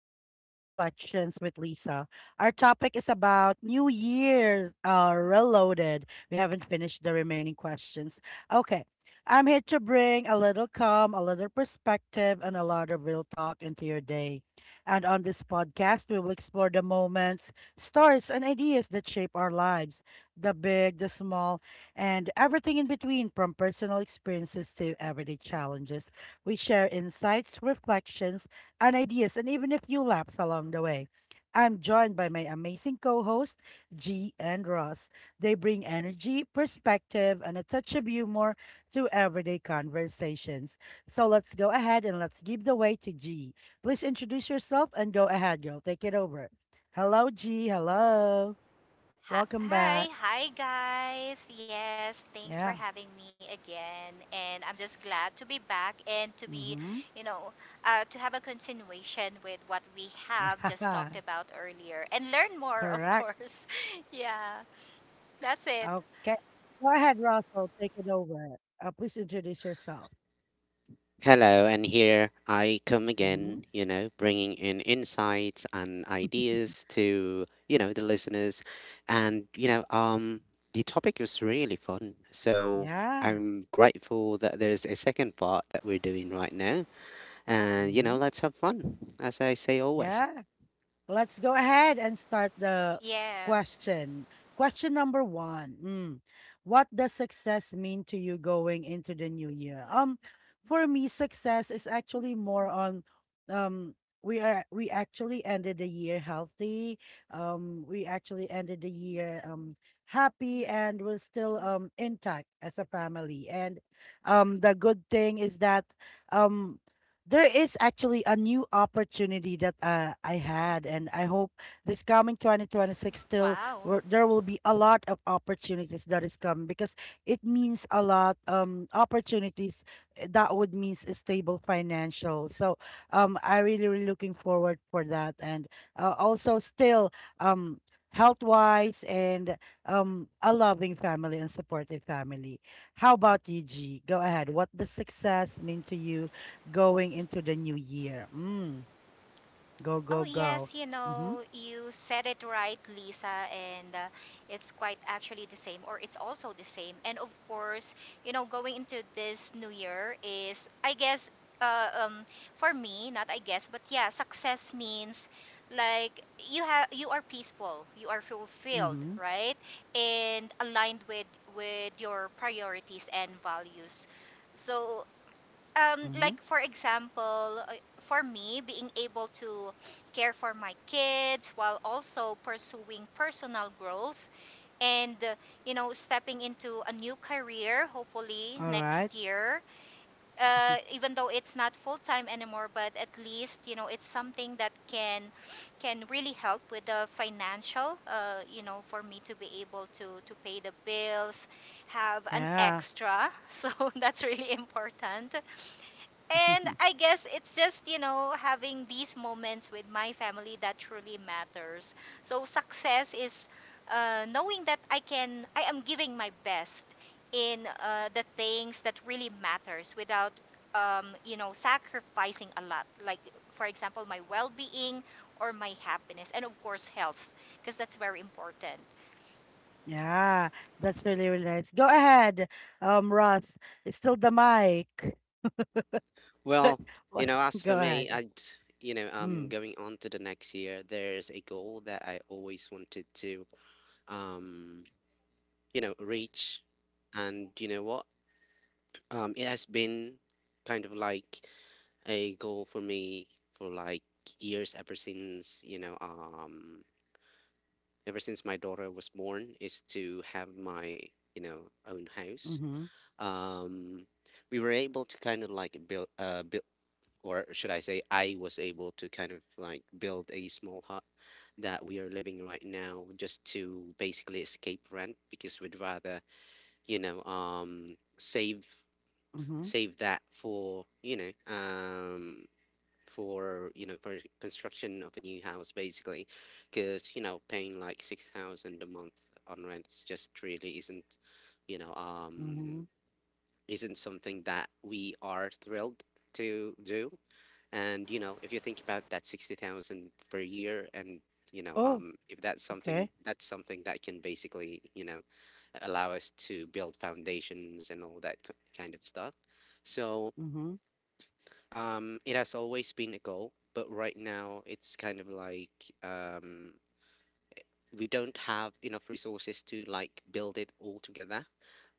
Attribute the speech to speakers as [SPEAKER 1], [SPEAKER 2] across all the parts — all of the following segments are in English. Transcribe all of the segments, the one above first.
[SPEAKER 1] to Everyday Reflections with Lisa. Our topic is about New Year's Reloaded. We haven't finished the remaining questions. Okay, I'm here to bring a little calm, a little perspective, and a lot of real talk into your day. And on this podcast, we will explore the moments, stories, and ideas that shape our lives, the big, the small, and everything in between, from personal experiences to everyday challenges. We share insights, reflections, and ideas, and even a few laps along the way. I'm joined by my amazing co hosts, G and Ross. They bring energy, perspective, and a touch of humor to everyday conversations. So let's go ahead and let's give the way to G. Please introduce yourself and go ahead, girl. Take it over. Hello, G. Hello.
[SPEAKER 2] Hi,
[SPEAKER 1] Welcome
[SPEAKER 2] hi,
[SPEAKER 1] back.
[SPEAKER 2] hi, guys. Yes, thanks for
[SPEAKER 1] Yeah.
[SPEAKER 2] having me again. And I'm just glad to be back and to be,
[SPEAKER 1] Mm-hmm.
[SPEAKER 2] you know, uh, to have a continuation with what we have just talked
[SPEAKER 1] Yeah.
[SPEAKER 2] about earlier and learn more, of
[SPEAKER 1] Correct.
[SPEAKER 2] course. yeah, that's it.
[SPEAKER 1] Okay. Go ahead, Russell. Take it over. Please introduce yourself.
[SPEAKER 3] Hello, and here I come
[SPEAKER 1] Mm-hmm.
[SPEAKER 3] again, you know, bringing in insights and ideas to, you know, the listeners. And, you know, the topic was really fun. So
[SPEAKER 1] Yeah.
[SPEAKER 3] I'm grateful that there's a second part that we're doing right now. And, you know,
[SPEAKER 1] Hmm.
[SPEAKER 3] let's have fun, as I say always.
[SPEAKER 1] Yeah. Let's go ahead and start the
[SPEAKER 2] Yeah.
[SPEAKER 1] question. Question number one. Mm. What does success mean to you going into the new year? For me, success is actually more on, um we actually ended the year healthy. We actually ended the year happy, and we're still intact as a family. And the good thing is that, um there is actually a new opportunity that I had, and I hope this coming 2026 still,
[SPEAKER 2] Wow.
[SPEAKER 1] where there will be a lot of opportunities that is coming, because it means a lot, opportunities that would means a stable financial. So I really really looking forward for that, and also still um health wise, and a loving family and supportive family. How about you, G? Go ahead. What does success mean to you going into the new year? Mm, go,
[SPEAKER 2] Oh,
[SPEAKER 1] go,
[SPEAKER 2] yes,
[SPEAKER 1] go.
[SPEAKER 2] you
[SPEAKER 1] Mm-hmm.
[SPEAKER 2] know, you said it right, Lisa, and it's quite actually the same, or it's also the same. And of course, you know, going into this new year is, uh, um, for me, not I guess, but yeah, success means like you have you are peaceful, you are fulfilled,
[SPEAKER 1] Mm-hmm.
[SPEAKER 2] right? And aligned with your priorities and values. So
[SPEAKER 1] Mm-hmm.
[SPEAKER 2] like for example, for me, being able to care for my kids while also pursuing personal growth and you know, stepping into a new career, hopefully
[SPEAKER 1] All right.
[SPEAKER 2] next year.
[SPEAKER 1] Mm-hmm.
[SPEAKER 2] Even though it's not full time anymore, but at least you know it's something that can really help with the financial. You know, for me to be able to pay the bills, have an
[SPEAKER 1] Yeah.
[SPEAKER 2] extra. So that's really important. And I guess it's just, you know, having these moments with my family that truly matters. So success is knowing that I am giving my best in the things that really matters without, you know, sacrificing a lot. Like, for example, my well-being or my happiness, and of course, health, because that's very important.
[SPEAKER 1] Yeah. That's really, really nice. Go ahead, Ross. It's still the mic. But
[SPEAKER 3] Well, you
[SPEAKER 1] what-
[SPEAKER 3] know, as for
[SPEAKER 1] go
[SPEAKER 3] me,
[SPEAKER 1] ahead.
[SPEAKER 3] I'd, you know,
[SPEAKER 1] Mm.
[SPEAKER 3] going on to the next year, there's a goal that I always wanted to, um, you know, reach. And you know what? It has been kind of like a goal for me for like years ever since ever since my daughter was born, is to have my, you know, own house.
[SPEAKER 1] Mm-hmm.
[SPEAKER 3] um we were able to kind of like build, or should I say I was able to kind of like build a small hut that we are living right now, just to basically escape rent, because we'd rather, you know, save
[SPEAKER 1] Mm-hmm.
[SPEAKER 3] save that for, you know, for, you know, for construction of a new house basically. Because, you know, paying like 6,000 a month on rent is just really isn't, you know,
[SPEAKER 1] Mm-hmm.
[SPEAKER 3] isn't something that we are thrilled to do. And you know, if you think about that, 60,000 per year, and you know,
[SPEAKER 1] Oh,
[SPEAKER 3] if that's something,
[SPEAKER 1] okay.
[SPEAKER 3] that's something that can basically, you know, allow us to build foundations and all that kind of stuff. So
[SPEAKER 1] Mm-hmm.
[SPEAKER 3] it has always been a goal, but right now it's kind of like, um, we don't have enough resources to like build it all together.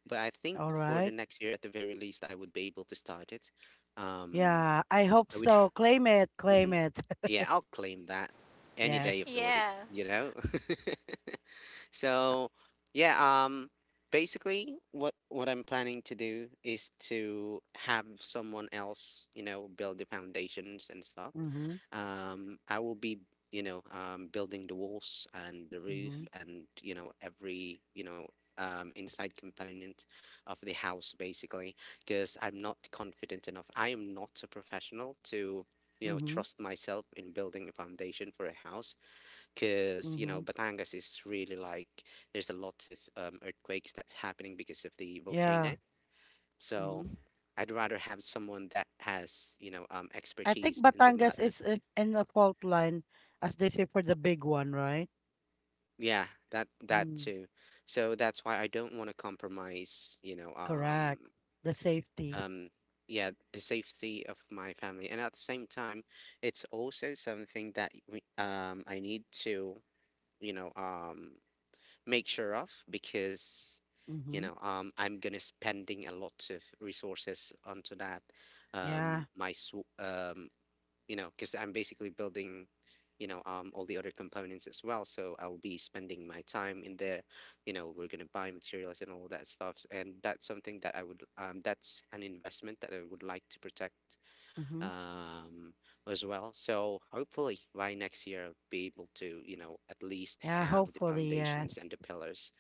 [SPEAKER 3] But I think
[SPEAKER 1] All
[SPEAKER 3] for the
[SPEAKER 1] right.
[SPEAKER 3] next year, at the very least, I would be able to start it. Um,
[SPEAKER 1] Yeah, I hope
[SPEAKER 3] I would,
[SPEAKER 1] so. Claim it, claim
[SPEAKER 3] Mhm.
[SPEAKER 1] it.
[SPEAKER 3] Yeah, I'll claim that any day of the
[SPEAKER 1] Yes.
[SPEAKER 3] week,
[SPEAKER 2] Yeah.
[SPEAKER 3] you know? So yeah, basically what I'm planning to do is to have someone else, you know, build the foundations and stuff.
[SPEAKER 1] Mm-hmm.
[SPEAKER 3] Um, I will be, you know, building the walls and the roof,
[SPEAKER 1] Mm-hmm.
[SPEAKER 3] and, you know, every, you know, inside component of the house basically, because I'm not confident enough. I am not a professional to, you know,
[SPEAKER 1] Mm-hmm.
[SPEAKER 3] trust myself in building a foundation for a house, because you know
[SPEAKER 1] Mm-hmm.
[SPEAKER 3] Batangas is really like, there's a lot of earthquakes that's happening because of the volcano.
[SPEAKER 1] Yeah.
[SPEAKER 3] So
[SPEAKER 1] Mm-hmm.
[SPEAKER 3] I'd rather have someone that has, you know,
[SPEAKER 1] I think
[SPEAKER 3] expertise in the
[SPEAKER 1] Batangas
[SPEAKER 3] matter.
[SPEAKER 1] is in the fault line, as they say, for the big one, right?
[SPEAKER 3] Yeah, that
[SPEAKER 1] Mm,
[SPEAKER 3] too. So that's why I don't want to compromise. You know,
[SPEAKER 1] correct. The safety.
[SPEAKER 3] um, yeah, the safety of my family, and at the same time, it's also something that we, I need to, you know, make sure of, because you
[SPEAKER 1] Mm-hmm.
[SPEAKER 3] know, I'm gonna spending a lot of resources onto that,
[SPEAKER 1] Yeah.
[SPEAKER 3] um, my sw- um, you know, because I'm basically building, you know, all the other components as well, so I'll be spending my time in there, you know, we're gonna buy materials and all that stuff, and that's something that I would that's an investment that I would like to protect,
[SPEAKER 1] Mm-hmm.
[SPEAKER 3] um, as well. So hopefully by next year I'll be able to, you know, at least
[SPEAKER 1] Yeah,
[SPEAKER 3] have the
[SPEAKER 1] hopefully,
[SPEAKER 3] foundations
[SPEAKER 1] yes.
[SPEAKER 3] and the pillars.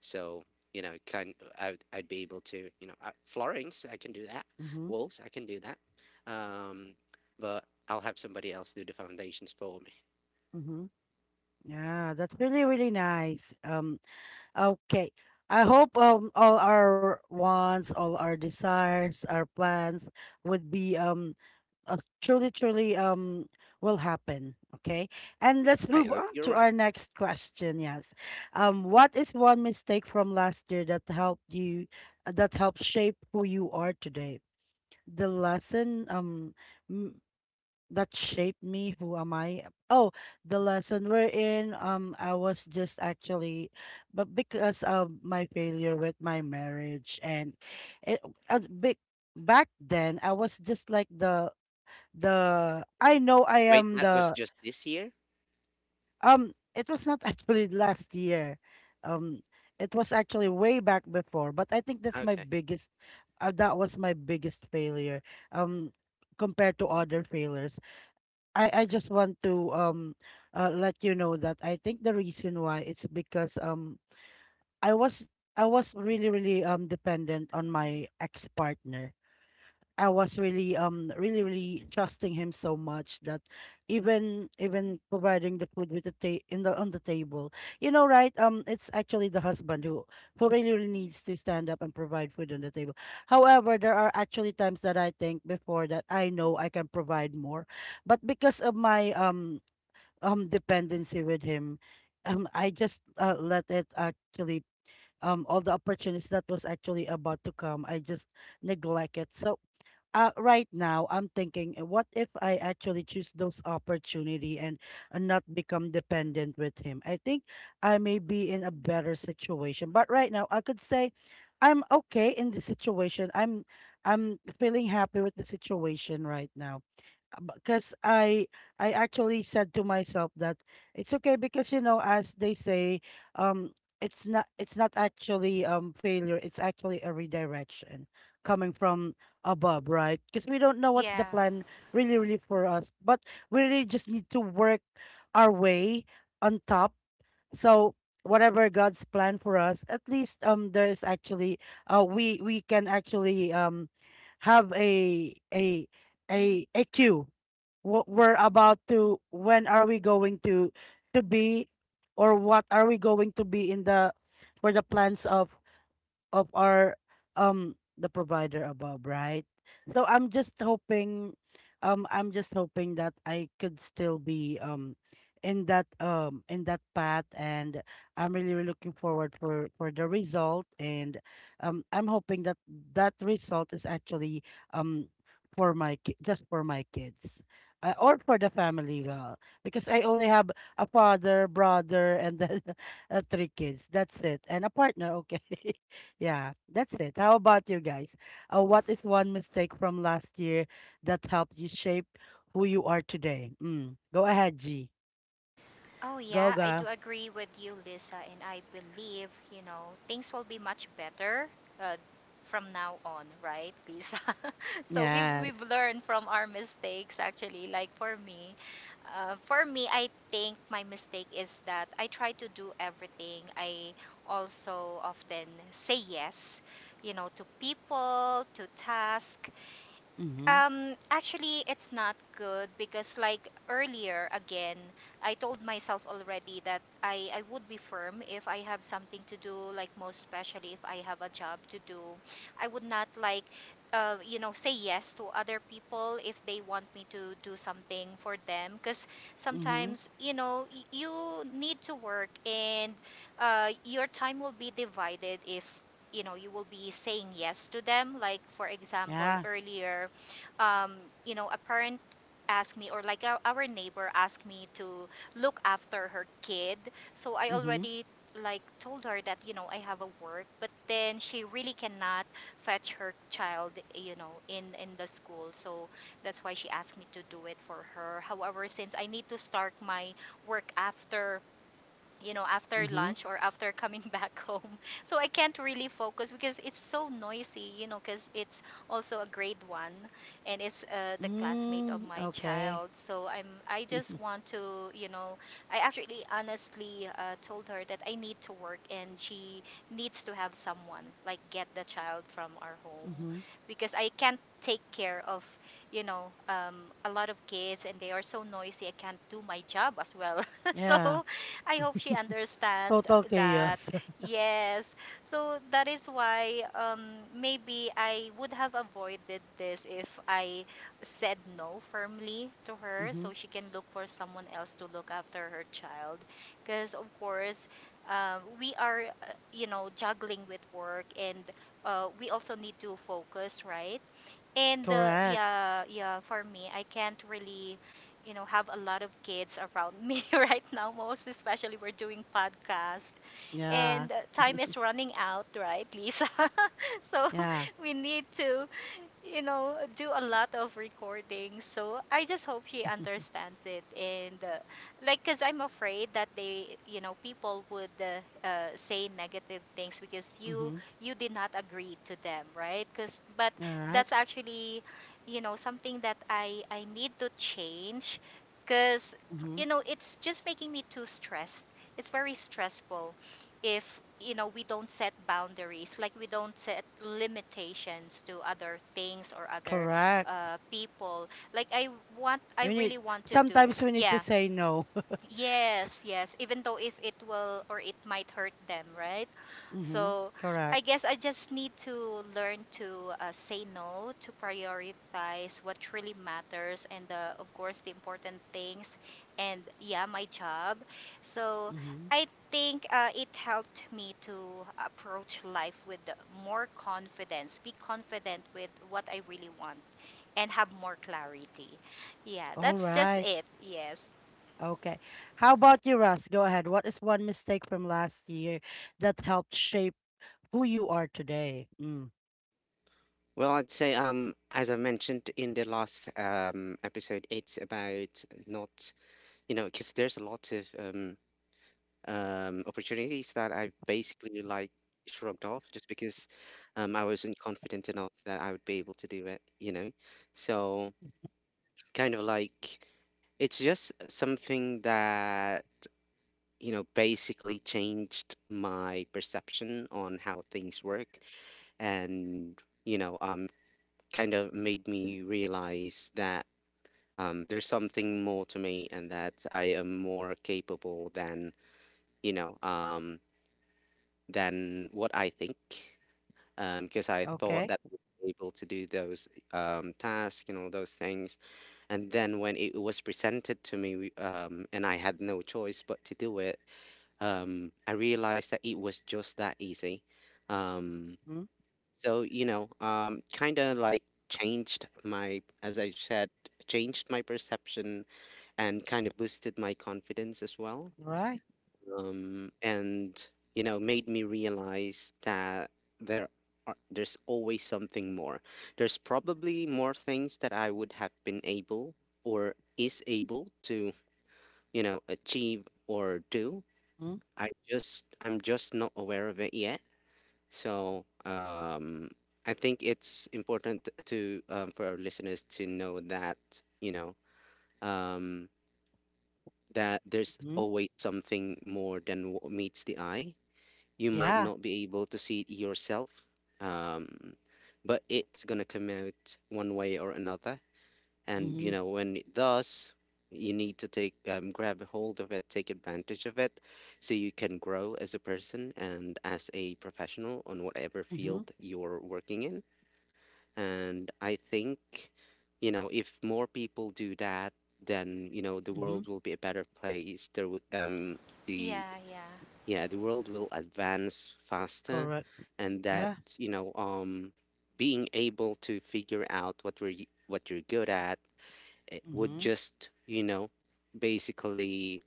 [SPEAKER 3] So, you know, kind I'd be able to, you know, Florence, I can do that.
[SPEAKER 1] Mm-hmm.
[SPEAKER 3] Walls, I can do that. Um, but I'll have somebody else do the foundations for me.
[SPEAKER 1] Mm-hmm. Yeah, that's really, really nice. Okay. I hope all our wants, all our desires, our plans would be truly, truly will happen. Okay. And let's
[SPEAKER 3] I
[SPEAKER 1] move
[SPEAKER 3] hope
[SPEAKER 1] on
[SPEAKER 3] you're
[SPEAKER 1] to
[SPEAKER 3] right.
[SPEAKER 1] our next question. Yes. What is one mistake from last year that helped shape who you are today? The lesson, m- that shaped me, who am I? Oh, the lesson we're in, I was just actually, but because of my failure with my marriage, and it, big, back then I was just like the, I know I
[SPEAKER 3] Wait,
[SPEAKER 1] am
[SPEAKER 3] that was
[SPEAKER 1] the,
[SPEAKER 3] just this year?
[SPEAKER 1] it was not actually last year. Um it was actually way back before, but I think that's my
[SPEAKER 3] Okay.
[SPEAKER 1] biggest, that was my biggest failure um compared to other failures. I just want to, let you know that I think the reason why it's because, I was I was really really dependent on my ex-partner. I was really really really trusting him so much that even providing the food with the in the on the table, you know, right? It's actually the husband who really really needs to stand up and provide food on the table. However, there are actually times that I think before, that I know I can provide more, but because of my, dependency with him, I just, let it actually, all the opportunities that was actually about to come, I just neglect it. So right now I'm thinking, what if I actually choose those opportunity and not become dependent with him? I think I may be in a better situation. But right now, I could say I'm okay in the situation. I'm feeling happy with the situation right now, because I actually said to myself that it's okay, because you know, as they say, um it's not, it's not actually failure, it's actually a redirection coming from above, right? Because we don't know what's the
[SPEAKER 2] Yeah.
[SPEAKER 1] plan really really for us, but we really just need to work our way on top. So whatever God's plan for us, at least there is actually, we can actually have a cue, what we're about to, when are we going to be, or what are we going to be in the, for the plans of our, the provider above, right? So I'm just hoping, I'm just hoping that I could still be in that, in that path, and I'm really, really looking forward for the result. And I'm hoping that that result is actually um for my just for my kids, or for the family well, because I only have a father, brother, and then three kids. That's it. And a partner, okay. Yeah, that's it. How about you guys? What is one mistake from last year that helped you shape who you are today? Mm. Go ahead, G.
[SPEAKER 2] Oh,
[SPEAKER 1] Go,
[SPEAKER 2] yeah, I
[SPEAKER 1] go.
[SPEAKER 2] do agree with you, Lisa, and I believe, you know, things will be much better uh, from now on, right, Lisa? So we've
[SPEAKER 1] Yes.
[SPEAKER 2] learned from our mistakes, actually. Like for me, I think my mistake is that I try to do everything. I also often say yes, you know, to people, to task.
[SPEAKER 1] Mm-hmm.
[SPEAKER 2] Actually, it's not good because, like earlier, again, I told myself already that I would be firm if I have something to do, like most especially if I have a job to do. I would not you know, say yes to other people if they want me to do something for them. Because
[SPEAKER 1] Mm-hmm.
[SPEAKER 2] sometimes, you know, you need to work and your time will be divided if. You know, you will be saying yes to them. Like, for example,
[SPEAKER 1] Yeah.
[SPEAKER 2] earlier, um, you know, a parent asked me, or like our neighbor asked me to look after her kid. So I
[SPEAKER 1] Mm-hmm.
[SPEAKER 2] already like told her that you know I have a work, but then she really cannot fetch her child, you know, in the school. So that's why she asked me to do it for her. However, since I need to start my work after you know, after
[SPEAKER 1] Mm-hmm.
[SPEAKER 2] lunch or after coming back home. So I can't really focus because it's so noisy, you know, because it's also a grade one and it's the classmate of
[SPEAKER 1] Mm.
[SPEAKER 2] my
[SPEAKER 1] Okay.
[SPEAKER 2] child. So I'm, I just want to, you know, I actually honestly told her that I need to work and she needs to have someone, like get the child from our home
[SPEAKER 1] Mm-hmm.
[SPEAKER 2] because I can't take care of, you know, a lot of kids and they are so noisy. I can't do my job as well.
[SPEAKER 1] Yeah.
[SPEAKER 2] so I hope she understand
[SPEAKER 1] Total
[SPEAKER 2] that.
[SPEAKER 1] chaos.
[SPEAKER 2] Yes. So that is why maybe I would have avoided this if I said no firmly to her
[SPEAKER 1] Mm-hmm.
[SPEAKER 2] so she can look for someone else to look after her child. Because, of course, we are, you know, juggling with work and we also need to focus, right? And
[SPEAKER 1] Correct.
[SPEAKER 2] yeah, for me, I can't really, you know, have a lot of kids around me right now, most especially we're doing podcast
[SPEAKER 1] Yeah.
[SPEAKER 2] and time is running out, right, Lisa? so
[SPEAKER 1] Yeah.
[SPEAKER 2] we need to you know, do a lot of recording. So I just hope she understands it. And, like, because I'm afraid that they, you know, people would say negative things because you
[SPEAKER 1] Mm-hmm.
[SPEAKER 2] you did not agree to them, right? Because, but
[SPEAKER 1] All right.
[SPEAKER 2] that's actually, you know, something that I need to change, because,
[SPEAKER 1] Mm-hmm.
[SPEAKER 2] you know, it's just making me too stressed. It's very stressful if you know we don't set boundaries like we don't set limitations to other things or other
[SPEAKER 1] Correct.
[SPEAKER 2] people like I want I
[SPEAKER 1] We need,
[SPEAKER 2] really want to do
[SPEAKER 1] sometimes we need to
[SPEAKER 2] yeah
[SPEAKER 1] say no.
[SPEAKER 2] Yes, yes. Even though if it will or it might hurt them, right?
[SPEAKER 1] Mm-hmm.
[SPEAKER 2] So I
[SPEAKER 1] Correct.
[SPEAKER 2] guess I just need to learn to say no, to prioritize what really matters, and of course the important things, and yeah, my job. So
[SPEAKER 1] Mm-hmm.
[SPEAKER 2] I think it helped me to approach life with more confidence, be confident with what I really want, and have more clarity. Yeah,
[SPEAKER 1] All
[SPEAKER 2] that's just
[SPEAKER 1] right.
[SPEAKER 2] it. Yes.
[SPEAKER 1] Okay. How about you, Russ? Go ahead. What is one mistake from last year that helped shape who you are today? Mm.
[SPEAKER 3] Well, I'd say, as I mentioned in the last episode, it's about not, you know, because there's a lot of opportunities that I basically like shrugged off just because I wasn't confident enough that I would be able to do it, you know? So, kind of like it's just something that, you know, basically changed my perception on how things work, and, you know, kind of made me realize that. There's something more to me, and that I am more capable than, you know. Than what I think, because I thought
[SPEAKER 1] Okay.
[SPEAKER 3] that we were able to do those tasks, you know, those things. And then when it was presented to me, and I had no choice but to do it, I realized that it was just that easy. Um,
[SPEAKER 1] Mm-hmm.
[SPEAKER 3] so, you know, kind of like changed my, as I said, changed my perception, and kind of boosted my confidence as well,
[SPEAKER 1] All right.
[SPEAKER 3] and you know made me realize that there are, there's always something more, there's probably more things that I would have been able or is able to, you know, achieve or do. I just, I'm just not aware of it yet. So I think it's important to for our listeners to know that, you know, um that there's
[SPEAKER 1] Mm-hmm.
[SPEAKER 3] always something more than what meets the eye. You might
[SPEAKER 1] Yeah.
[SPEAKER 3] not be able to see it yourself, um, but it's gonna come out one way or another. And
[SPEAKER 1] Mm-hmm.
[SPEAKER 3] you know, when it does, you need to take grab a hold of it, take advantage of it, so you can grow as a person and as a professional on whatever
[SPEAKER 1] Mm-hmm.
[SPEAKER 3] field you're working in. And I think, you know, if more people do that, then you know the
[SPEAKER 1] Mm-hmm.
[SPEAKER 3] world will be a better place. There would the
[SPEAKER 2] Yeah, yeah.
[SPEAKER 3] yeah, the world will advance faster,
[SPEAKER 1] Correct.
[SPEAKER 3] and that,
[SPEAKER 1] Yeah.
[SPEAKER 3] you know, being able to figure out what what you're good at, it would
[SPEAKER 1] Mm-hmm.
[SPEAKER 3] just, you know, basically,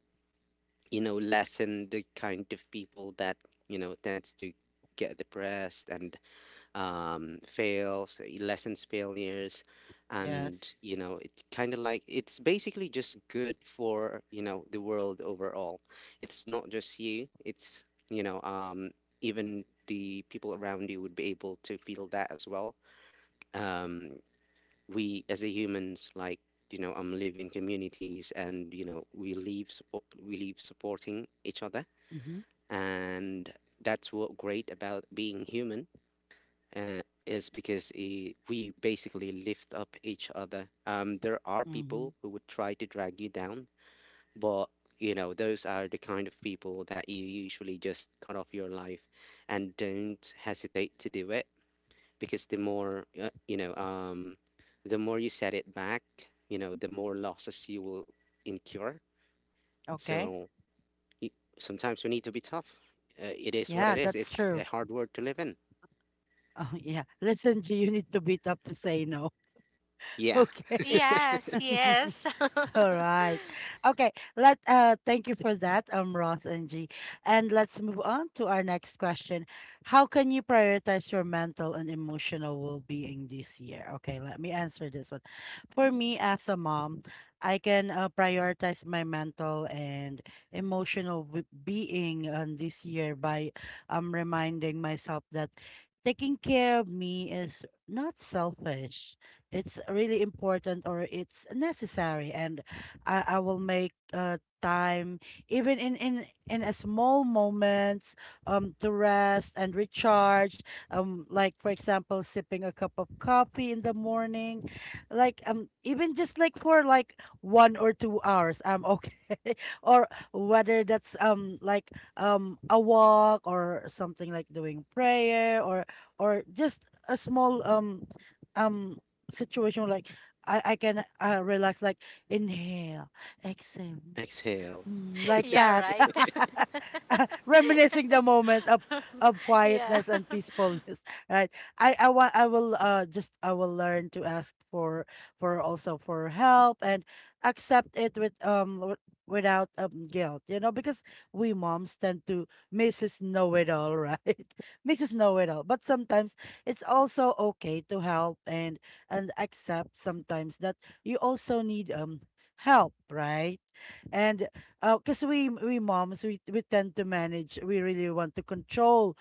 [SPEAKER 3] you know, lessen the kind of people that, you know, tends to get depressed and fails, lessons, failures,
[SPEAKER 1] Yes.
[SPEAKER 3] and you know, it kind of like it's basically just good for, you know, the world overall. It's not just you; it's, you know, even the people around you would be able to feel that as well. Um, we as a humans, like, you know, live in communities, and you know, we live support, we live supporting each other,
[SPEAKER 1] Mm-hmm.
[SPEAKER 3] and that's what great about being human, is because we basically lift up each other. There are
[SPEAKER 1] Mm-hmm.
[SPEAKER 3] people who would try to drag you down, but you know, those are the kind of people that you usually just cut off your life and don't hesitate to do it, because the more, you know, the more you set it back, you know, the more losses you will incur.
[SPEAKER 1] Okay.
[SPEAKER 3] So y sometimes we need to be tough. It is what
[SPEAKER 1] Yeah,
[SPEAKER 3] it is.
[SPEAKER 1] that's
[SPEAKER 3] It's
[SPEAKER 1] true.
[SPEAKER 3] a hard world to live in.
[SPEAKER 1] Oh, yeah. Listen, G, you need to beat up to say no.
[SPEAKER 3] Yeah.
[SPEAKER 1] Okay.
[SPEAKER 2] Yes, yes.
[SPEAKER 1] All right. Okay. Let thank you for that, Ross and G. And let's move on to our next question. How can you prioritize your mental and emotional well-being this year? Okay, let me answer this one. For me as a mom, I can prioritize my mental and emotional being on this year by reminding myself that taking care of me is not selfish, it's really important, or it's necessary. And I will make time, even in a small moments, to rest and recharge. Like for example, sipping a cup of coffee in the morning, like even just like for like 1 or 2 hours I'm okay. Or whether that's like a walk, or something like doing prayer, or just a small um situation like I can relax, like inhale, exhale.
[SPEAKER 3] Exhale.
[SPEAKER 1] Mm, like
[SPEAKER 2] yeah,
[SPEAKER 1] that.
[SPEAKER 2] right.
[SPEAKER 1] Reminiscing the moment of
[SPEAKER 2] yeah.
[SPEAKER 1] quietness and peacefulness, right? I want I will just I will learn to ask for also for help, and accept it with, without guilt, you know, because we moms tend to Mrs. Know It All, right? Mrs. Know It All, but sometimes it's also okay to help, and accept sometimes that you also need help, right? And because we moms, we tend to manage, we really want to control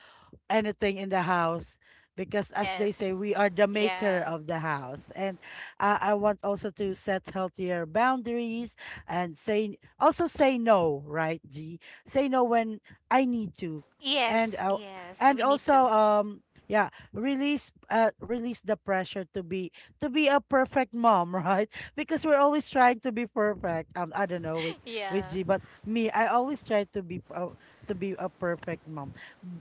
[SPEAKER 1] anything in the house, because as they
[SPEAKER 2] Yes.
[SPEAKER 1] say, we are the
[SPEAKER 2] Yeah.
[SPEAKER 1] maker of the house. And I want also to set healthier boundaries, and say also, say no, right, G? Say no when I need to. And
[SPEAKER 2] Yes, yes. We
[SPEAKER 1] and
[SPEAKER 2] need to.
[SPEAKER 1] also, yeah, release release the pressure to be, to be a perfect mom, right? Because we're always trying to be perfect, I don't know with
[SPEAKER 2] Yeah.
[SPEAKER 1] G, but me I always try to be a perfect mom.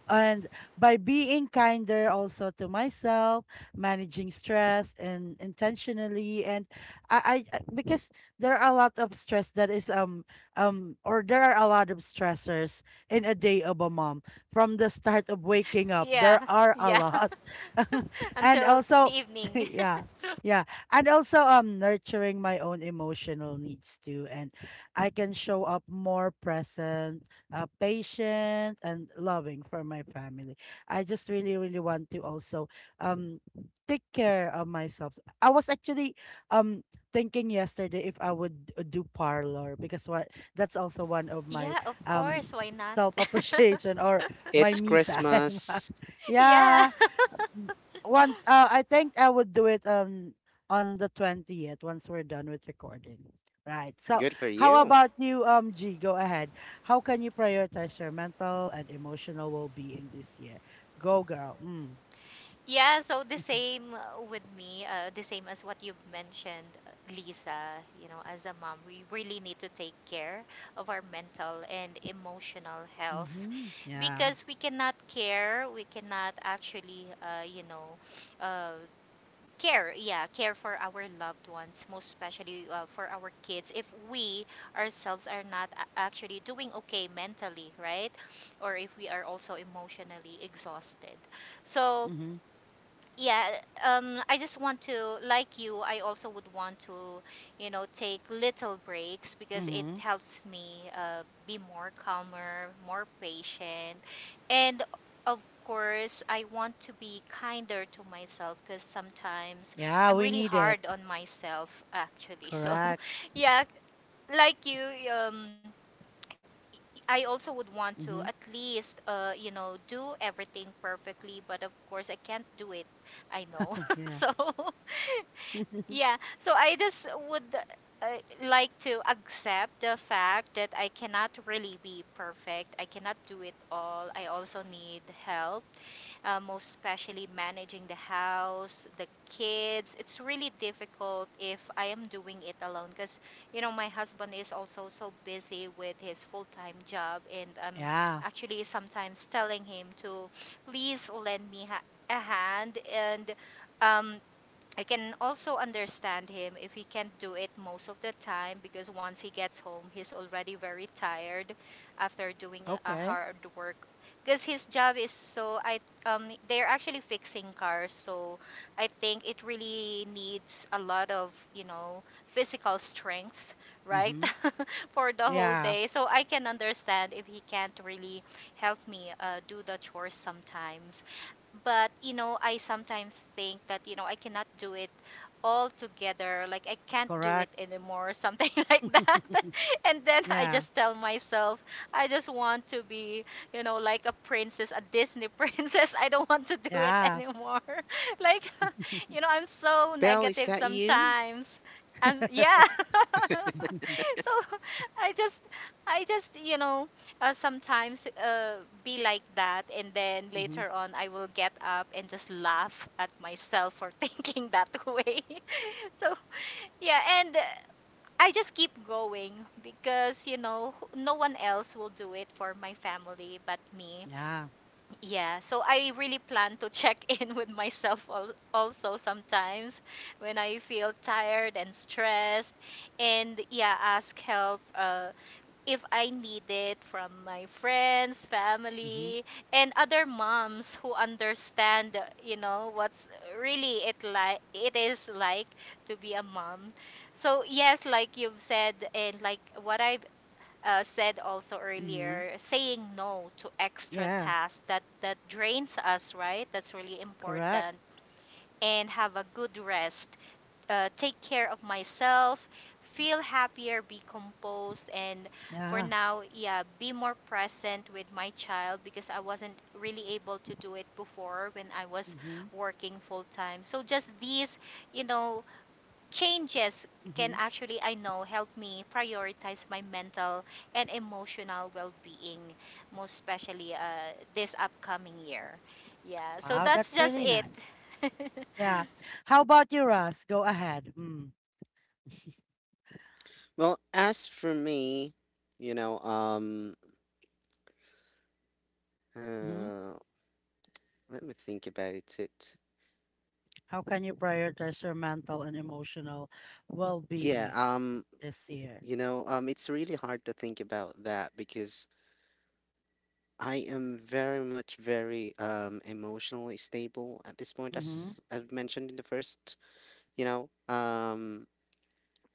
[SPEAKER 1] And by being kinder also to myself, managing stress and intentionally, and because there are a lot of stress that is or there are a lot of stressors in a day of a mom. From the start of waking up, there
[SPEAKER 2] Yeah.
[SPEAKER 1] are a
[SPEAKER 2] Yeah.
[SPEAKER 1] lot. And
[SPEAKER 2] Until the
[SPEAKER 1] also
[SPEAKER 2] evening.
[SPEAKER 1] yeah. Yeah. And also nurturing my own emotional needs too, and I can show up more present, patient and loving for my family. I just really, really want to also um take care of myself. I was actually um thinking yesterday if I would do parlor, because what, that's also one of my
[SPEAKER 2] yeah, of course.
[SPEAKER 1] um
[SPEAKER 2] Why not?
[SPEAKER 1] self appreciation, or my
[SPEAKER 3] It's
[SPEAKER 1] me time.
[SPEAKER 3] Christmas.
[SPEAKER 2] Yeah.
[SPEAKER 1] Yeah. Mm, one, I think I would do it on the 20th, once we're done with recording. Right. So,
[SPEAKER 3] Good for
[SPEAKER 1] how
[SPEAKER 3] you.
[SPEAKER 1] about you, G? Go ahead. How can you prioritize your mental and emotional well-being this year? Go, girl. Mm.
[SPEAKER 2] Yeah, so the same with me, the same as what you've mentioned, Lisa. You know, as a mom, we really need to take care of our mental and emotional health
[SPEAKER 1] Mm-hmm. Yeah.
[SPEAKER 2] because we cannot care, we cannot actually, uh, care, yeah, care for our loved ones, most especially for our kids, if we ourselves are not actually doing okay mentally, right? Or if we are also emotionally exhausted. So,
[SPEAKER 1] Mm-hmm.
[SPEAKER 2] yeah I just want to like you I also would want to you know take little breaks because it
[SPEAKER 1] Mm-hmm.
[SPEAKER 2] helps me be more calmer more patient and of course I want to be kinder to myself because sometimes
[SPEAKER 1] Yeah,
[SPEAKER 2] I'm
[SPEAKER 1] we
[SPEAKER 2] really
[SPEAKER 1] need it.
[SPEAKER 2] hard on myself actually so
[SPEAKER 1] Correct.
[SPEAKER 2] yeah like you um I also would want to
[SPEAKER 1] Mm-hmm.
[SPEAKER 2] at least, you know, do everything perfectly, but of course I can't do it. I know.
[SPEAKER 1] Yeah.
[SPEAKER 2] so, yeah. So I just would uh, like to accept the fact that I cannot really be perfect. I cannot do it all. I also need help most especially managing the house, the kids. It's really difficult if I am doing it alone because, you know, my husband is also so busy with his full time job. And I'm
[SPEAKER 1] Yeah.
[SPEAKER 2] actually sometimes telling him to please lend me a hand. And um, I can also understand him if he can't do it most of the time because once he gets home, he's already very tired after doing a
[SPEAKER 1] Okay.
[SPEAKER 2] hard work. Because his job is so, I they're actually fixing cars, so I think it really needs a lot of you know physical strength, right,
[SPEAKER 1] Mm-hmm.
[SPEAKER 2] for the whole
[SPEAKER 1] Yeah.
[SPEAKER 2] day. So I can understand if he can't really help me do the chores sometimes but you know I sometimes think that you know I cannot do it all together like I can't do it
[SPEAKER 1] Correct.
[SPEAKER 2] anymore or something like that and then I
[SPEAKER 1] Yeah.
[SPEAKER 2] just tell myself I just want to be you know like a princess a disney princess I don't want to do it
[SPEAKER 1] Yeah.
[SPEAKER 2] anymore like you know I'm so
[SPEAKER 3] Belle, is
[SPEAKER 2] negative
[SPEAKER 3] that you?
[SPEAKER 2] sometimes and yeah so i just I just you know sometimes be like that and then
[SPEAKER 1] Mm-hmm.
[SPEAKER 2] later on I will get up and just laugh at myself for thinking that way so yeah and I just keep going because you know no one else will do it for my family but me
[SPEAKER 1] Yeah.
[SPEAKER 2] yeah so I really plan to check in with myself al- also sometimes when I feel tired and stressed and yeah ask help if I need it from my friends,
[SPEAKER 1] Mm-hmm.
[SPEAKER 2] family, and other moms who understand, you know, what's really it like it is like to be a mom. So yes, like you've said, and like what I've said also
[SPEAKER 1] Mm-hmm.
[SPEAKER 2] earlier, saying no to extra
[SPEAKER 1] Yeah,
[SPEAKER 2] tasks that that drains us, right? That's really
[SPEAKER 1] correct.
[SPEAKER 2] important, and have a good rest take care of myself, feel happier, be composed, and for
[SPEAKER 1] Yeah.
[SPEAKER 2] now, yeah, be more present with my child because I wasn't really able to do it before when I was
[SPEAKER 1] Mm-hmm.
[SPEAKER 2] working full time. So just these, you know, changes
[SPEAKER 1] Mm-hmm.
[SPEAKER 2] can actually I know help me prioritize my mental and emotional well-being most especially this upcoming year. Yeah, so
[SPEAKER 1] Wow,
[SPEAKER 2] that's
[SPEAKER 1] that's
[SPEAKER 2] just
[SPEAKER 1] really
[SPEAKER 2] it.
[SPEAKER 1] nice. Yeah. How about you, Russ? Go ahead. Mm-hmm.
[SPEAKER 3] Well, as for me, you know,
[SPEAKER 1] Mm-hmm.
[SPEAKER 3] uh, let me think about it.
[SPEAKER 1] How can you prioritize your mental and emotional
[SPEAKER 3] Yeah,
[SPEAKER 1] well-being this year?
[SPEAKER 3] you know, it's really hard to think about that because I am very much very emotionally stable at this point,
[SPEAKER 1] Mm-hmm.
[SPEAKER 3] as I've mentioned in the first, you know,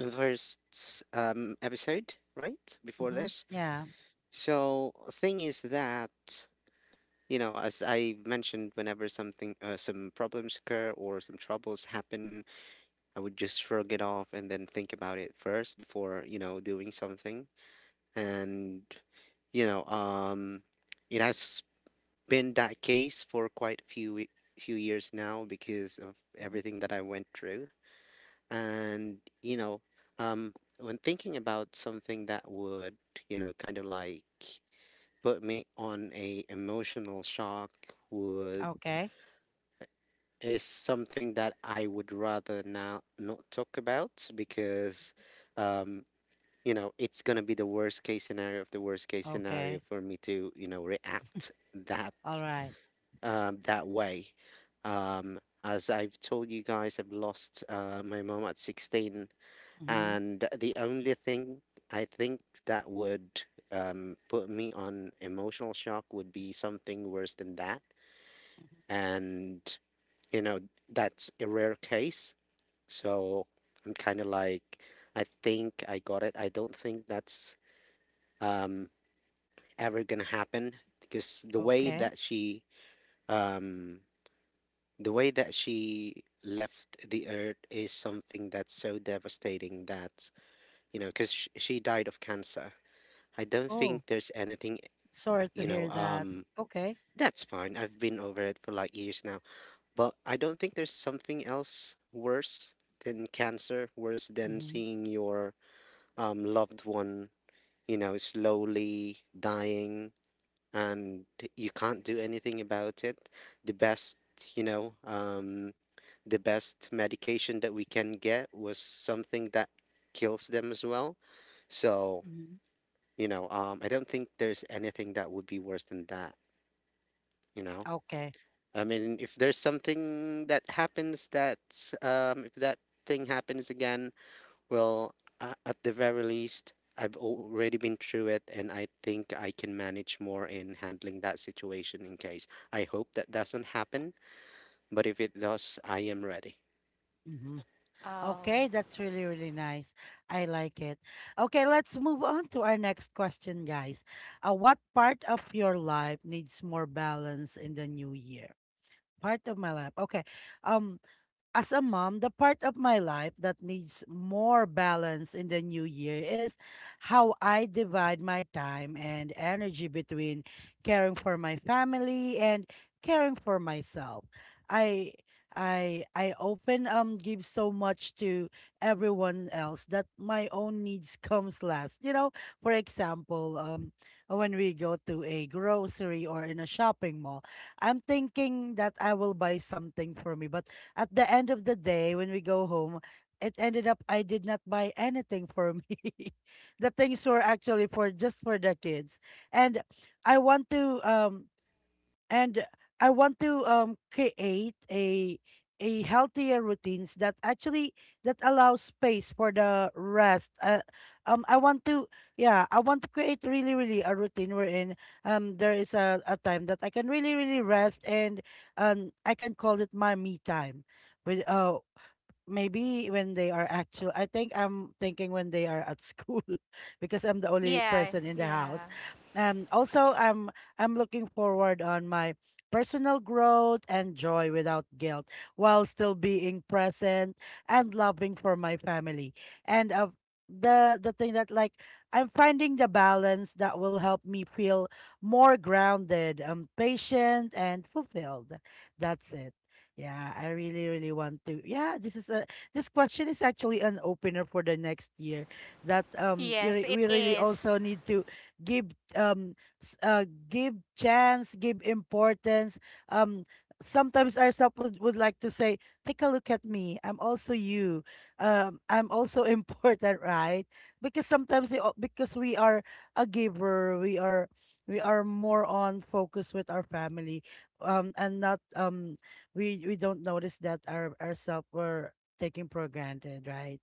[SPEAKER 3] in the first episode, right? Before
[SPEAKER 1] Mm-hmm.
[SPEAKER 3] this.
[SPEAKER 1] Yeah.
[SPEAKER 3] So, thing is that, you know, as I mentioned, whenever something, some problems occur or some troubles happen, I would just shrug it off and then think about it first before, you know, doing something. And, you know, it has been that case for quite a few years now because of
[SPEAKER 1] Hmm.
[SPEAKER 3] everything that I went through. And, you know, when thinking about something that would, you know, kind of like put me on a emotional shock would
[SPEAKER 1] Okay.
[SPEAKER 3] is something that I would rather now not talk about, because, um, you know, it's gonna be the worst case scenario of the worst case scenario
[SPEAKER 1] Okay.
[SPEAKER 3] for me to, you know, react that
[SPEAKER 1] All right.
[SPEAKER 3] that way. As I've told you guys, I've lost my mom at 16,
[SPEAKER 1] Mm-hmm.
[SPEAKER 3] and the only thing I think that would put me on emotional shock would be something worse than that. And, you know, that's a rare case. So I'm kind of like, I think I got it. I don't think that's um, ever gonna happen, because the way
[SPEAKER 1] Okay.
[SPEAKER 3] that she, um, the way that she left the earth is something that's so devastating that, you know, because sh she died of cancer. I don't
[SPEAKER 1] Oh,
[SPEAKER 3] think there's anything, uh,
[SPEAKER 1] sorry to
[SPEAKER 3] you know,
[SPEAKER 1] hear that.
[SPEAKER 3] um,
[SPEAKER 1] Okay.
[SPEAKER 3] that's fine. I've been over it for like years now, but I don't think there's something else worse than cancer, worse than
[SPEAKER 1] Mm-hmm.
[SPEAKER 3] seeing your loved one, you know, slowly dying, and you can't do anything about it. The best, you know, the best medication that we can get was something that kills them as well. So,
[SPEAKER 1] Mm-hmm.
[SPEAKER 3] you know, I don't think there's anything that would be worse than that, you know?
[SPEAKER 1] Okay.
[SPEAKER 3] I mean, if there's something that happens that's, if that thing happens again, well, at the very least, I've already been through it, and I think I can manage more in handling that situation in case. I hope that doesn't happen, but if it does, I am ready.
[SPEAKER 1] Mm-hmm.
[SPEAKER 2] oh.
[SPEAKER 1] Okay, that's really, really nice. I like it. Okay, let's move on to our next question, guys. What part of your life needs more balance in the new year? Part of my life. Okay. Um, as a mom, the part of my life that needs more balance in the new year is how I divide my time and energy between caring for my family and caring for myself. I I often give so much to everyone else that my own needs comes last. You know, for example, when we go to a grocery or in a shopping mall, I'm thinking that I will buy something for me, but at the end of the day, when we go home, it ended up I did not buy anything for me. The things were actually for just for the kids. And I want to and create a healthier routines that actually that allows space for the rest. I want to yeah, I want to create really really a routine wherein there is a time that I can really really rest and I can call it my me time. With maybe when they are actual I think I'm thinking when they are at school because I'm the only
[SPEAKER 2] Yeah,
[SPEAKER 1] person in the house.
[SPEAKER 2] yeah.
[SPEAKER 1] And also I'm looking forward on my personal growth and joy without guilt while still being present and loving for my family. And of the thing that like I'm finding the balance that will help me feel more grounded, patient and fulfilled. That's it. Yeah, I really, really want to. Yeah, this question is actually an opener for the next year. That you re
[SPEAKER 2] Yes, it
[SPEAKER 1] we really
[SPEAKER 2] is.
[SPEAKER 1] also need to give um, give chance, give importance. Um, Sometimes ourselves would like to say, "Take a look at me. I'm also you. I'm also important, right?" Because sometimes because we are a giver, we are more on focus with our family and not we don't notice that our ourselves were taking for granted, right?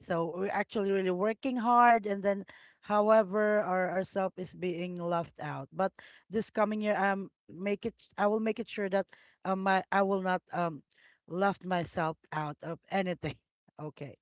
[SPEAKER 1] So we're actually really working hard, and then, however, our ourself is being left out. But this coming year, make it. I will make it sure that my I will not left myself out of anything. Okay.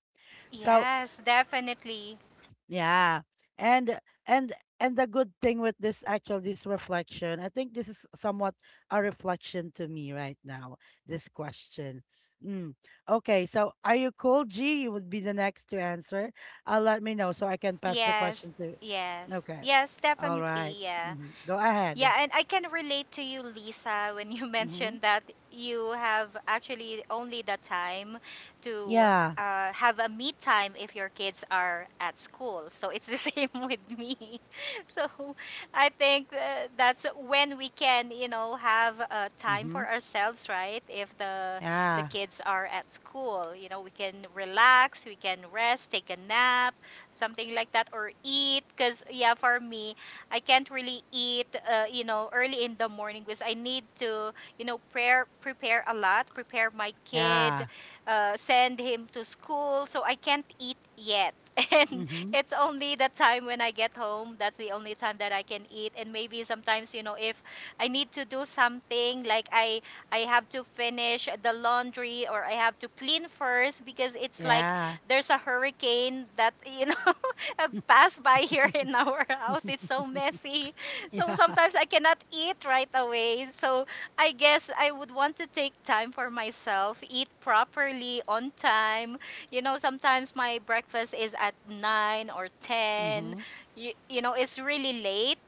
[SPEAKER 1] So
[SPEAKER 2] Yes, definitely.
[SPEAKER 1] yeah. And and and the good thing with this actual this reflection, I think this is somewhat a reflection to me right now, this question. Mm. Okay, so are you cool, G? You would be the next to answer. Let me know so I can pass the
[SPEAKER 2] Yes,
[SPEAKER 1] question to
[SPEAKER 2] yes.
[SPEAKER 1] Okay.
[SPEAKER 2] Yes,
[SPEAKER 1] All right.
[SPEAKER 2] definitely. Yeah.
[SPEAKER 1] Mm-hmm. Go ahead.
[SPEAKER 2] Yeah, and I can relate to you, Lisa, when you
[SPEAKER 1] Mm-hmm.
[SPEAKER 2] mentioned that you have actually only the time to
[SPEAKER 1] Yeah.
[SPEAKER 2] have a me time if your kids are at school. So it's the same with me. So I think that's when we can, you know, have time
[SPEAKER 1] Mm-hmm.
[SPEAKER 2] for ourselves, right? If the
[SPEAKER 1] Yeah.
[SPEAKER 2] kids are at school, you know, we can relax, we can rest, take a nap, something like that, or eat. Because yeah, for me I can't really eat, you know, early in the morning because I need to, you know, prepare a lot, prepare my kid,
[SPEAKER 1] Yeah.
[SPEAKER 2] send him to school, so I can't eat yet. And
[SPEAKER 1] Mm-hmm.
[SPEAKER 2] it's only the time when I get home. That's the only time that I can eat. And maybe sometimes, you know, if I need to do something like I have to finish the laundry or I have to clean first because it's like
[SPEAKER 1] Yeah.
[SPEAKER 2] there's a hurricane that you know pass by here in our house. It's so messy. So
[SPEAKER 1] Yeah.
[SPEAKER 2] sometimes I cannot eat right away. So I guess I would want to take time for myself, eat properly on time. You know, sometimes my breakfast is at 9 or 10.
[SPEAKER 1] Mm-hmm.
[SPEAKER 2] You know, it's really late.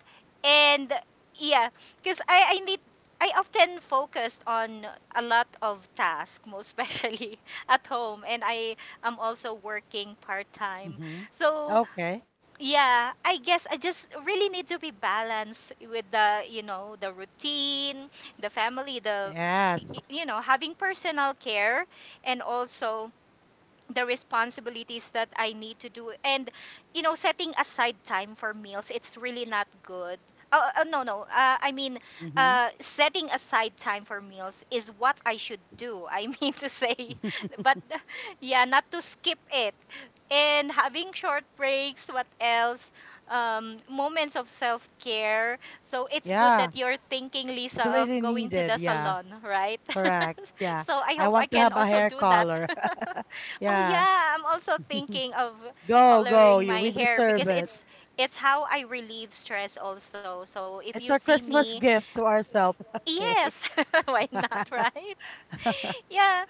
[SPEAKER 2] And yeah, because I need. I often focused on a lot of tasks, most especially at home, and I am also working part time.
[SPEAKER 1] Mm-hmm.
[SPEAKER 2] So
[SPEAKER 1] Okay.
[SPEAKER 2] yeah, I guess I just really need to be balanced with, the you know, the routine, the family, the
[SPEAKER 1] Yes.
[SPEAKER 2] you know, having personal care, and also the responsibilities that I need to do. And, you know, setting aside time for meals, it's really not good. Oh, no, no. I mean,
[SPEAKER 1] Mm-hmm.
[SPEAKER 2] setting aside time for meals is what I should do. I mean to say, but yeah, not to skip it. And having short breaks, what else? Moments of self care. So it's good
[SPEAKER 1] Yeah,
[SPEAKER 2] that you're thinking,
[SPEAKER 1] it's
[SPEAKER 2] Lisa, of
[SPEAKER 1] really
[SPEAKER 2] going to
[SPEAKER 1] needed.
[SPEAKER 2] the
[SPEAKER 1] Yeah,
[SPEAKER 2] salon, right?
[SPEAKER 1] correct. Yeah,
[SPEAKER 2] So I
[SPEAKER 1] I
[SPEAKER 2] hope I
[SPEAKER 1] want to
[SPEAKER 2] can
[SPEAKER 1] have a
[SPEAKER 2] also
[SPEAKER 1] hair
[SPEAKER 2] do that.
[SPEAKER 1] color.
[SPEAKER 2] Oh
[SPEAKER 1] Yeah,
[SPEAKER 2] yeah, I'm also thinking of
[SPEAKER 1] go, go.
[SPEAKER 2] coloring
[SPEAKER 1] You,
[SPEAKER 2] my
[SPEAKER 1] we
[SPEAKER 2] hair
[SPEAKER 1] deserve
[SPEAKER 2] because
[SPEAKER 1] it.
[SPEAKER 2] it's how I relieve stress also. So if
[SPEAKER 1] It's
[SPEAKER 2] you
[SPEAKER 1] our
[SPEAKER 2] see
[SPEAKER 1] Christmas
[SPEAKER 2] me,
[SPEAKER 1] gift to ourselves. Okay.
[SPEAKER 2] yes, why not, right? Yeah,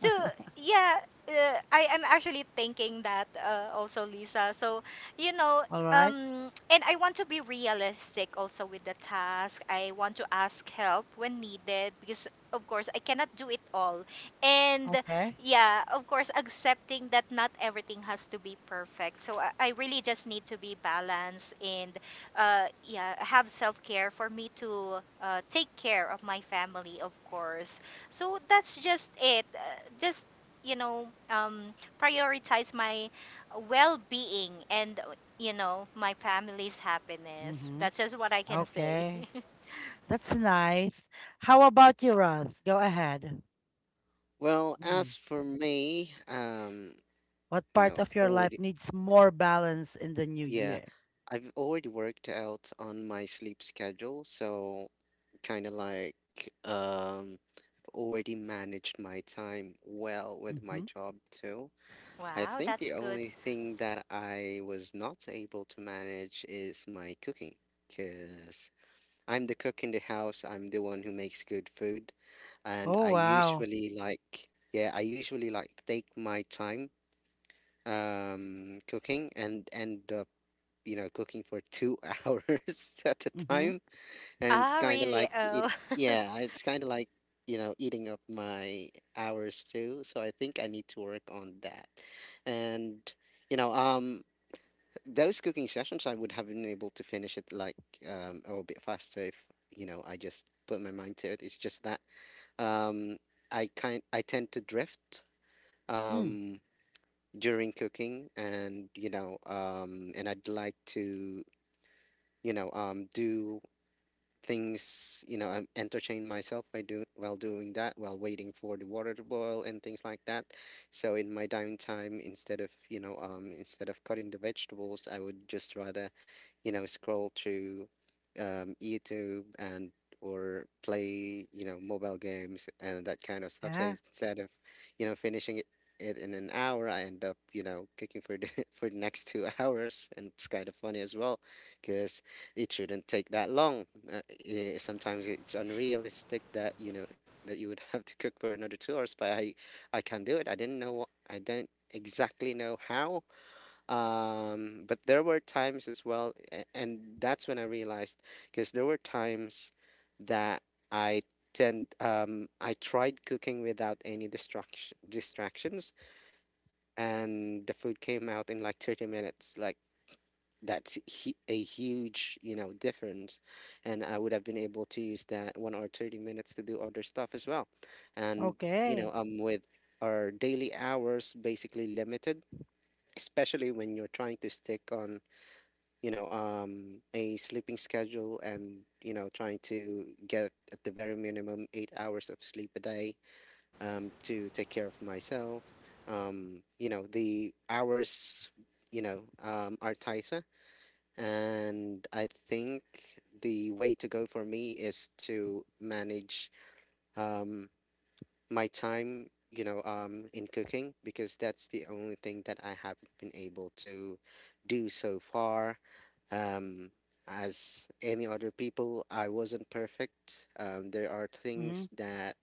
[SPEAKER 2] so yeah, I am actually thinking that also, Lisa. So you know,
[SPEAKER 1] All right.
[SPEAKER 2] and I want to be realistic also with the task. I want to ask help when needed because, of course, I cannot do it all. And
[SPEAKER 1] Okay.
[SPEAKER 2] yeah, of course, accepting that not everything has to be perfect. So I really just need to be balanced and yeah, have self care for me to take care of my family, of course, so that's just it. Just you know, prioritize my well-being and you know, my family's happiness.
[SPEAKER 1] Mm-hmm.
[SPEAKER 2] That's just what I can say.
[SPEAKER 1] Okay. That's nice. How about you, Russ? Go ahead.
[SPEAKER 3] Well,
[SPEAKER 1] Mm.
[SPEAKER 3] as for me,
[SPEAKER 1] What
[SPEAKER 3] you
[SPEAKER 1] part
[SPEAKER 3] know,
[SPEAKER 1] of your life
[SPEAKER 3] already,
[SPEAKER 1] needs more balance in the new
[SPEAKER 3] yeah,
[SPEAKER 1] year?
[SPEAKER 3] I've already worked out on my sleep schedule, so kind of like, um, already managed my time well with my
[SPEAKER 1] Mm-hmm.
[SPEAKER 3] job too. I
[SPEAKER 2] Wow,
[SPEAKER 3] think the
[SPEAKER 2] that's good.
[SPEAKER 3] only thing that I was not able to manage is my cooking, because I'm the cook in the house, I'm the one who makes good food, and
[SPEAKER 1] Oh,
[SPEAKER 3] I
[SPEAKER 1] wow.
[SPEAKER 3] usually like, yeah, I usually like take my time cooking and end up, cooking for two hours at a
[SPEAKER 1] Mm-hmm.
[SPEAKER 3] time, and it's
[SPEAKER 2] Ah,
[SPEAKER 3] kind of
[SPEAKER 2] really?
[SPEAKER 3] like it
[SPEAKER 2] Oh,
[SPEAKER 3] yeah, it's kind of like, eating up my hours too, so I think I need to work on that. And, you know um those cooking sessions, I would have been able to finish it, like, a little bit faster if, I just put my mind to it. It's just that, um I tend to drift,
[SPEAKER 1] Mm.
[SPEAKER 3] um during cooking, and, I'd like to, do things. I entertain myself by doing, while doing that, while waiting for the water to boil and things like that. So in my downtime, instead of cutting the vegetables, I would just rather, scroll through, YouTube, and or play, mobile games and that kind of stuff. So
[SPEAKER 1] Ah,
[SPEAKER 3] instead of, you know, finishing it, in an hour, I end up, cooking for the for the next two hours, and it's kind of funny as well, because it shouldn't take that long. Uh, Sometimes it's unrealistic that, you would have to cook for another 2 hours, but I can do it. I don't exactly know how. But there were times as well, and that's when I realized, because there were times that, i I tried cooking without any distractions, and the food came out in like 30 minutes. Like, that's, a huge, difference. And I would have been able to use that one or 30 minutes to do other stuff as well. And,
[SPEAKER 1] okay.
[SPEAKER 3] with our daily hours basically limited, especially when you're trying to stick on, a sleeping schedule, and, trying to get at the very minimum 8 hours of sleep a day, to take care of myself. The hours, are tighter. And I think the way to go for me is to manage, um, my time, in cooking, because that's the only thing that I haven't been able to do so far. um, as any other people, I wasn't perfect. There are things that,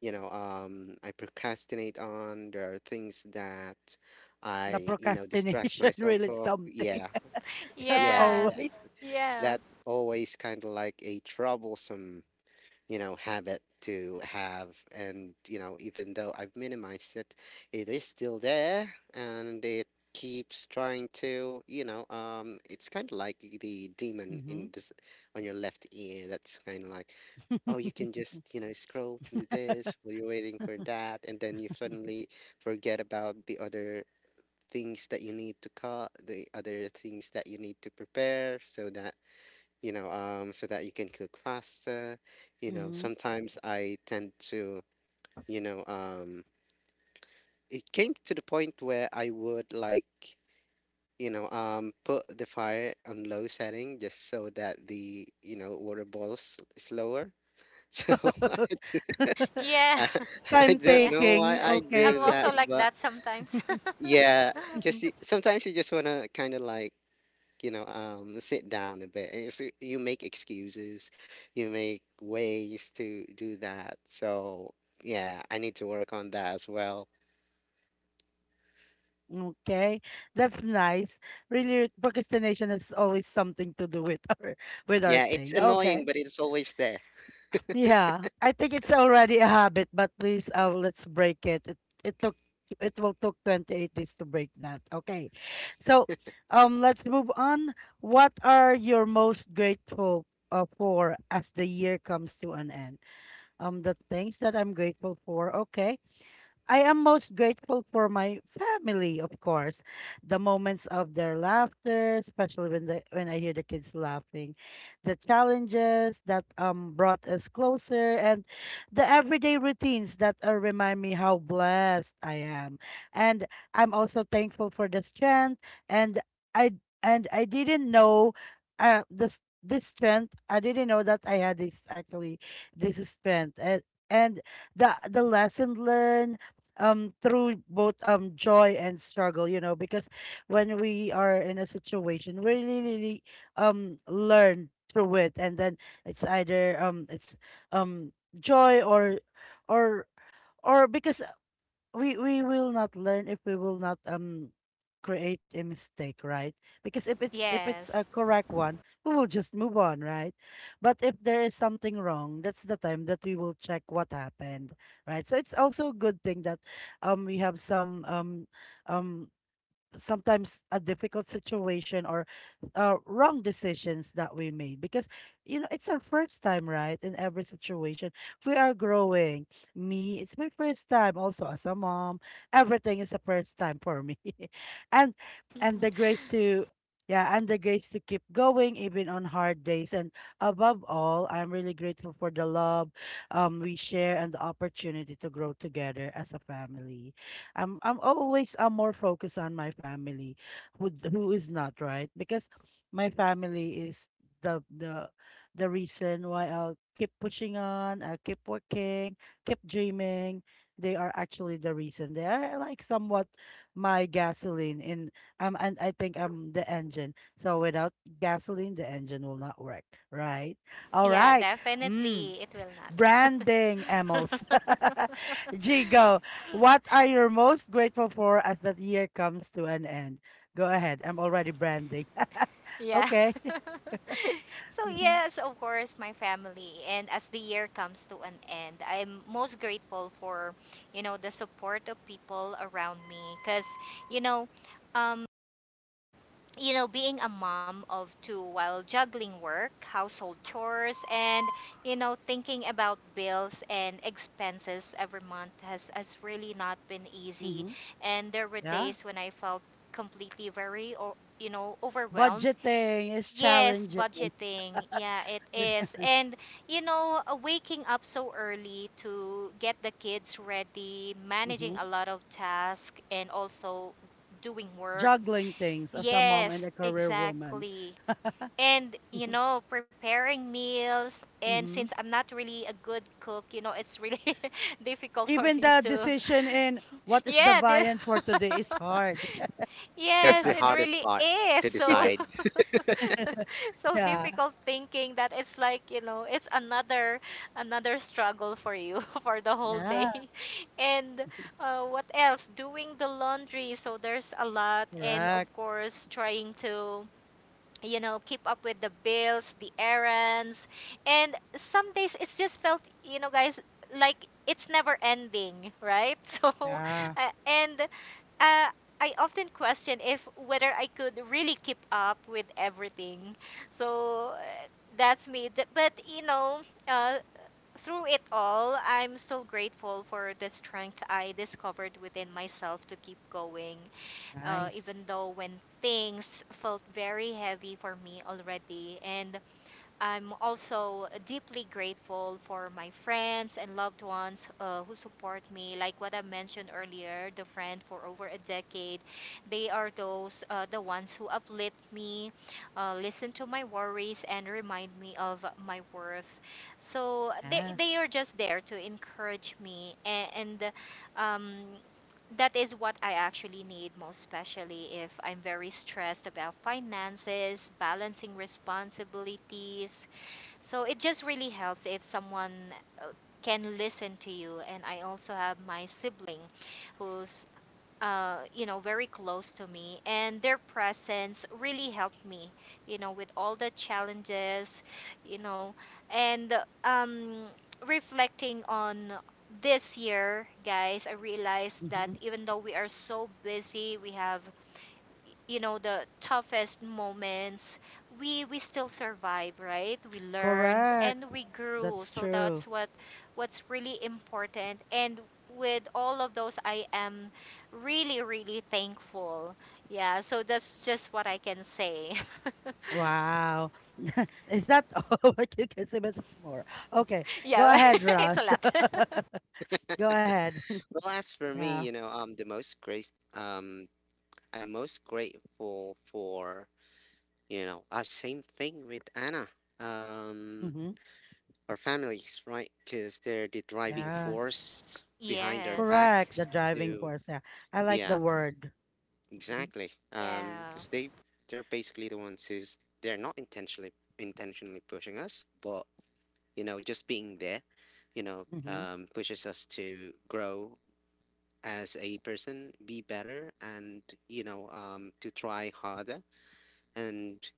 [SPEAKER 3] I procrastinate on. There are things that
[SPEAKER 1] The
[SPEAKER 3] I, distract
[SPEAKER 1] procrastination
[SPEAKER 3] myself
[SPEAKER 1] really is
[SPEAKER 3] of.
[SPEAKER 1] something,
[SPEAKER 3] Yeah,
[SPEAKER 1] as
[SPEAKER 3] yeah,
[SPEAKER 2] yeah,
[SPEAKER 1] always.
[SPEAKER 3] that's
[SPEAKER 2] yeah,
[SPEAKER 3] that's always kind of like a troublesome, habit to have. And, even though I've minimized it, it is still there, and it keeps trying to, it's kind of like the demon
[SPEAKER 1] Hmm.
[SPEAKER 3] in this, on your left ear, that's kind of like, oh, you can just, scroll through this while you're waiting for that, and then you
[SPEAKER 1] Mhm.
[SPEAKER 3] suddenly forget about the other things that you need to cut, the other things that you need to prepare. So that you can cook faster.
[SPEAKER 1] Mhm.
[SPEAKER 3] Sometimes I tend to, you know, um, it came to the point where I would, like, put the fire on low setting just so that the, water boils slower. So I, do,
[SPEAKER 2] yeah,
[SPEAKER 3] I I
[SPEAKER 1] Time
[SPEAKER 3] don't
[SPEAKER 2] yeah.
[SPEAKER 3] know
[SPEAKER 1] taking,
[SPEAKER 3] why I
[SPEAKER 1] okay.
[SPEAKER 2] I'm
[SPEAKER 3] do that,
[SPEAKER 2] also like
[SPEAKER 3] but
[SPEAKER 2] that sometimes.
[SPEAKER 3] yeah, because sometimes you just want to kind of like, sit down a bit. And so you make excuses, you make ways to do that. So yeah, I need to work on that as well.
[SPEAKER 1] Okay, that's nice. Really, procrastination is always something to do with our
[SPEAKER 3] Yeah, it's
[SPEAKER 1] thing.
[SPEAKER 3] annoying,
[SPEAKER 1] Okay.
[SPEAKER 3] but it's always there.
[SPEAKER 1] Yeah, I think it's already a habit, but please, let's break it. It took it will took 28 days to break that. Okay. So, let's move on. What are you most grateful for as the year comes to an end? The things that I'm grateful for. Okay. I am most grateful for my family, of course. The moments of their laughter, especially when the when I hear the kids laughing, the challenges that brought us closer, and the everyday routines that remind me how blessed I am. And I'm also thankful for the strength and I didn't know this strength. I didn't know that I had this actually this strength. And the lesson learned through both joy and struggle, you know, because when we are in a situation, we really really learn through it, and then it's either it's um joy or or because we will not learn if we will not create a mistake, right? Because if it's a
[SPEAKER 2] Yes.
[SPEAKER 1] correct one, we will just move on, right? But if there is something wrong, that's the time that we will check what happened, right? So it's also a good thing that we have some um sometimes a difficult situation or wrong decisions that we made because you know it's our first time right in every situation we are growing. Me, it's my first time also as a mom. Everything is a first time for me. and and the grace to yeah and the grace to keep going even on hard days, and above all, I'm really grateful for the love we share and the opportunity to grow together as a family. I'm more focused on my family, who is not, right? Because my family is the the the reason why I'll keep pushing on, I keep working, keep dreaming. They are actually the reason. They are like somewhat my gasoline in and I think I'm the engine. So without gasoline, the engine will not work, right? All
[SPEAKER 2] Yeah,
[SPEAKER 1] right. Mm.
[SPEAKER 2] definitely it will not.
[SPEAKER 1] Branding, Emmels. Gigo, what are you most grateful for as the year comes to an end? Go ahead. I'm already branding.
[SPEAKER 2] Yeah.
[SPEAKER 1] Okay.
[SPEAKER 2] So
[SPEAKER 1] Mhm.
[SPEAKER 2] yes, of course, my family. And as the year comes to an end, I'm most grateful for, you know, the support of people around me. Cause, you know, um, you know, being a mom of two while juggling work, household chores, and you know, thinking about bills and expenses every month has really not been easy.
[SPEAKER 1] Mm-hmm.
[SPEAKER 2] And there were
[SPEAKER 1] Yeah.
[SPEAKER 2] days when I felt completely very, or you know, overwhelmed.
[SPEAKER 1] Budgeting is
[SPEAKER 2] Yes,
[SPEAKER 1] challenging.
[SPEAKER 2] budgeting. Yeah, it is. And you know, waking up so early to get the kids ready,
[SPEAKER 1] Mm-hmm.
[SPEAKER 2] managing a lot of tasks and also doing work.
[SPEAKER 1] Juggling things as a mom and
[SPEAKER 2] Yes,
[SPEAKER 1] a career woman.
[SPEAKER 2] exactly. And you know, preparing meals, and
[SPEAKER 1] Mm-hmm.
[SPEAKER 2] since I'm not really a good cook, you know, it's really difficult for
[SPEAKER 1] Even
[SPEAKER 2] me
[SPEAKER 1] the
[SPEAKER 2] to.
[SPEAKER 1] decision in what is the
[SPEAKER 2] Yeah, the,
[SPEAKER 1] viand for today is hard. Yeah.
[SPEAKER 3] That's
[SPEAKER 2] yes,
[SPEAKER 3] the
[SPEAKER 2] it
[SPEAKER 3] hardest
[SPEAKER 2] really
[SPEAKER 3] part
[SPEAKER 2] is.
[SPEAKER 3] to
[SPEAKER 2] So
[SPEAKER 3] decide.
[SPEAKER 2] so
[SPEAKER 1] Yeah.
[SPEAKER 2] difficult thinking that it's like you know it's another another struggle for you for the whole day
[SPEAKER 1] Yeah.
[SPEAKER 2] and what else, doing the laundry, so there's a lot, and of
[SPEAKER 1] Correct.
[SPEAKER 2] course trying to you know keep up with the bills, the errands, and some days it's just felt you know guys like it's never ending, right? So
[SPEAKER 1] Yeah.
[SPEAKER 2] and uh, I often question if whether I could really keep up with everything. So that's me. But you know, uh, through it all, I'm still grateful for the strength I discovered within myself to keep going,
[SPEAKER 1] Nice.
[SPEAKER 2] even though when things felt very heavy for me already. And I'm also deeply grateful for my friends and loved ones who support me. Like what I mentioned earlier, the friend for over a decade, they are those the ones who uplift me, listen to my worries, and remind me of my worth. So they
[SPEAKER 1] Yes.
[SPEAKER 2] are just there to encourage me, and um, that is what I actually need most, especially if I'm very stressed about finances, balancing responsibilities, so it just really helps if someone uh, can listen to you. And I also have my sibling who's, you know, very close to me. And their presence really helped me, you know, with all the challenges, you know. And um, reflecting on this year, guys, I realized that
[SPEAKER 1] Hmm.
[SPEAKER 2] even though we are so busy, we have you know the toughest moments, we still survive, right? We learned
[SPEAKER 1] Correct.
[SPEAKER 2] and we grew,
[SPEAKER 1] That's
[SPEAKER 2] so
[SPEAKER 1] true.
[SPEAKER 2] that's what what's really important, and with all of those I am really really thankful. Yeah, so that's just what I can say.
[SPEAKER 1] Wow. Is that all what you can say? But it's more. Okay.
[SPEAKER 2] Yeah.
[SPEAKER 1] Go ahead,
[SPEAKER 2] It's
[SPEAKER 1] Ross.
[SPEAKER 2] a lot.
[SPEAKER 1] Go ahead.
[SPEAKER 3] Well, as for me,
[SPEAKER 1] Yeah.
[SPEAKER 3] I'm most grateful for, same thing with Anna, um,
[SPEAKER 1] Mm-hmm.
[SPEAKER 3] our families, right? Because they're the driving
[SPEAKER 1] Yeah.
[SPEAKER 3] force behind our
[SPEAKER 2] Yes.
[SPEAKER 1] Correct. The
[SPEAKER 3] backs
[SPEAKER 1] driving
[SPEAKER 3] to,
[SPEAKER 1] force. Yeah. I like the
[SPEAKER 3] yeah,
[SPEAKER 1] word. Mm-hmm.
[SPEAKER 3] exactly.
[SPEAKER 2] Yeah.
[SPEAKER 3] Because they're basically the ones, who's they're not intentionally pushing us, but, just being there,
[SPEAKER 1] Mm-hmm.
[SPEAKER 3] pushes us to grow as a person, be better, and, to try harder, and,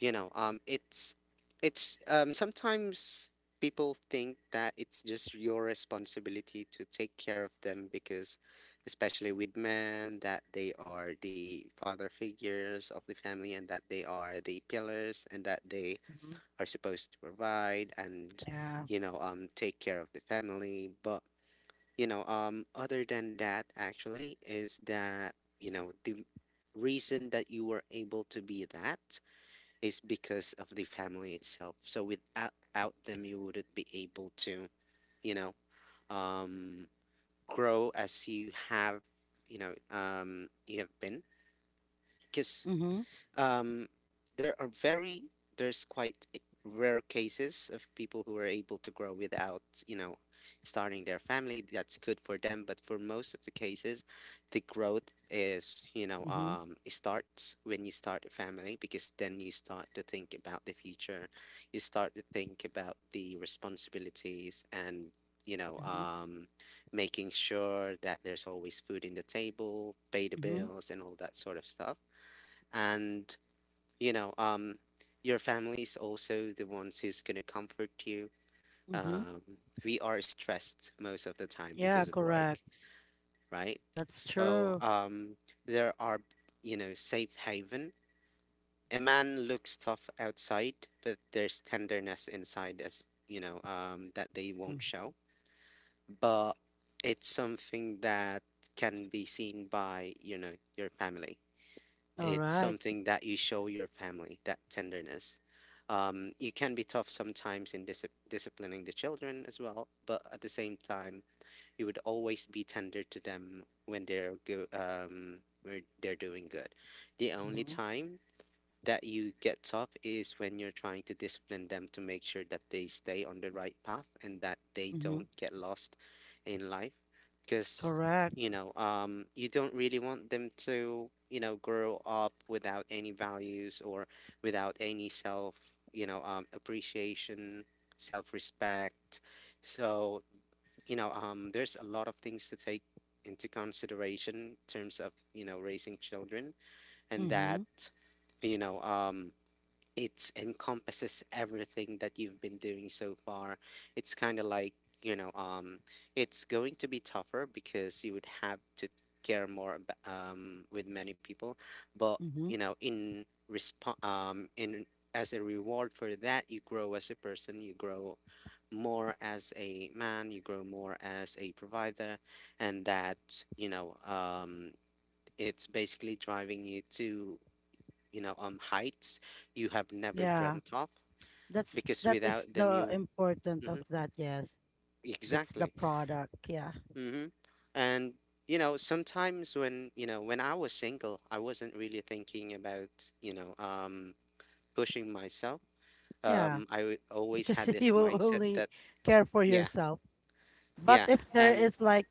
[SPEAKER 3] you know, it's sometimes people think that it's just your responsibility to take care of them, because, especially with men, that they are the father figures of the family, and that they are the pillars, and that they
[SPEAKER 1] Hmm.
[SPEAKER 3] are supposed to provide and,
[SPEAKER 1] Yeah.
[SPEAKER 3] take care of the family. But, other than that, actually, is that, the reason that you were able to be that is because of the family itself. So without, out them, you wouldn't be able to, you know, um, grow as you have, you have been. Because,
[SPEAKER 1] Mm-hmm.
[SPEAKER 3] um, there are very there's quite, rare cases of people who are able to grow without, you know, starting their family. That's good for them, but for most of the cases, the growth is,
[SPEAKER 1] Mm-hmm.
[SPEAKER 3] it starts when you start a family, because then you start to think about the future. You start to think about the responsibilities, and, you know,
[SPEAKER 1] Mm-hmm.
[SPEAKER 3] um, making sure that there's always food in the table, pay the
[SPEAKER 1] Mm-hmm.
[SPEAKER 3] bills, and all that sort of stuff. And, you know um your family is also the ones who's going to comfort you.
[SPEAKER 1] Mm-hmm.
[SPEAKER 3] um we are stressed most of the time
[SPEAKER 1] Yeah,
[SPEAKER 3] because of
[SPEAKER 1] correct.
[SPEAKER 3] work, right?
[SPEAKER 1] That's
[SPEAKER 3] So,
[SPEAKER 1] true.
[SPEAKER 3] there are, safe haven. A man looks tough outside, but there's tenderness inside, as, that they
[SPEAKER 1] Mhm.
[SPEAKER 3] won't show, but it's something that can be seen by, your family.
[SPEAKER 1] All
[SPEAKER 3] It's
[SPEAKER 1] right.
[SPEAKER 3] something that you show your family, that tenderness. You can be tough sometimes in disciplining the children as well, but at the same time, you would always be tender to them when, they're go when they're doing good. The only
[SPEAKER 1] Mm-hmm.
[SPEAKER 3] time that you get tough is when you're trying to discipline them, to make sure that they stay on the right path and that they
[SPEAKER 1] Mm-hmm.
[SPEAKER 3] don't get lost in life, because,
[SPEAKER 1] Correct.
[SPEAKER 3] you don't really want them to, grow up without any values, or without any self, appreciation, self-respect. So, there's a lot of things to take into consideration in terms of, raising children, and
[SPEAKER 1] Mm-hmm.
[SPEAKER 3] that, you know um it encompasses everything that you've been doing so far. It's kind of like, you know, um, it's going to be tougher because you would have to care more, with many people, but, you
[SPEAKER 1] Mm-hmm.
[SPEAKER 3] know, in resp- in as a reward for that, you grow as a person, you grow more as a man, you grow more as a provider, and that, you know, um, it's basically driving you to, heights you have never
[SPEAKER 1] Yeah,
[SPEAKER 3] dreamt of,
[SPEAKER 1] that's
[SPEAKER 3] because
[SPEAKER 1] that is
[SPEAKER 3] without them,
[SPEAKER 1] the
[SPEAKER 3] you.
[SPEAKER 1] important of
[SPEAKER 3] Mhm.
[SPEAKER 1] that. Yes, that's the
[SPEAKER 3] Exactly.
[SPEAKER 1] product. Yeah,
[SPEAKER 3] hmm and, sometimes when, when I was single, I wasn't really thinking about, you know um pushing myself.
[SPEAKER 1] yeah,
[SPEAKER 3] Always
[SPEAKER 1] because
[SPEAKER 3] had this
[SPEAKER 1] you will
[SPEAKER 3] mindset
[SPEAKER 1] only
[SPEAKER 3] that,
[SPEAKER 1] care for
[SPEAKER 3] yeah,
[SPEAKER 1] yourself. But
[SPEAKER 3] yeah,
[SPEAKER 1] if there
[SPEAKER 3] and
[SPEAKER 1] is like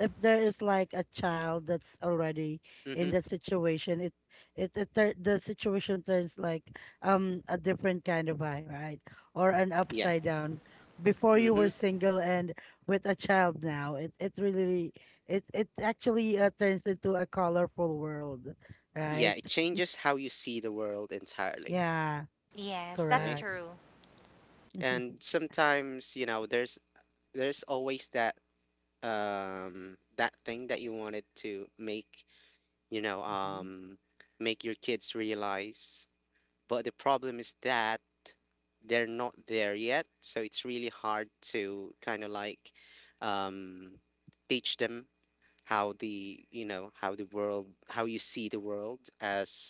[SPEAKER 1] if there is like a child that's already in
[SPEAKER 3] mm-hmm,
[SPEAKER 1] that situation, the situation turns like a different kind of eye, right? Or an
[SPEAKER 3] yeah,
[SPEAKER 1] upside down. Before you were
[SPEAKER 3] mm-hmm,
[SPEAKER 1] single and with a child now, it really it it actually turns into a colorful world,
[SPEAKER 3] yeah,
[SPEAKER 1] right?
[SPEAKER 3] it changes how you see the world entirely,
[SPEAKER 1] Yeah,
[SPEAKER 2] Yes, that's
[SPEAKER 3] right.
[SPEAKER 1] correct.
[SPEAKER 2] true.
[SPEAKER 3] And sometimes, there's always that, that thing that you wanted to make, you know
[SPEAKER 1] Mhm.
[SPEAKER 3] um make your kids realize. But the problem is that they're not there yet, so it's really hard to kind of like, um teach them, how the world, how you see the world,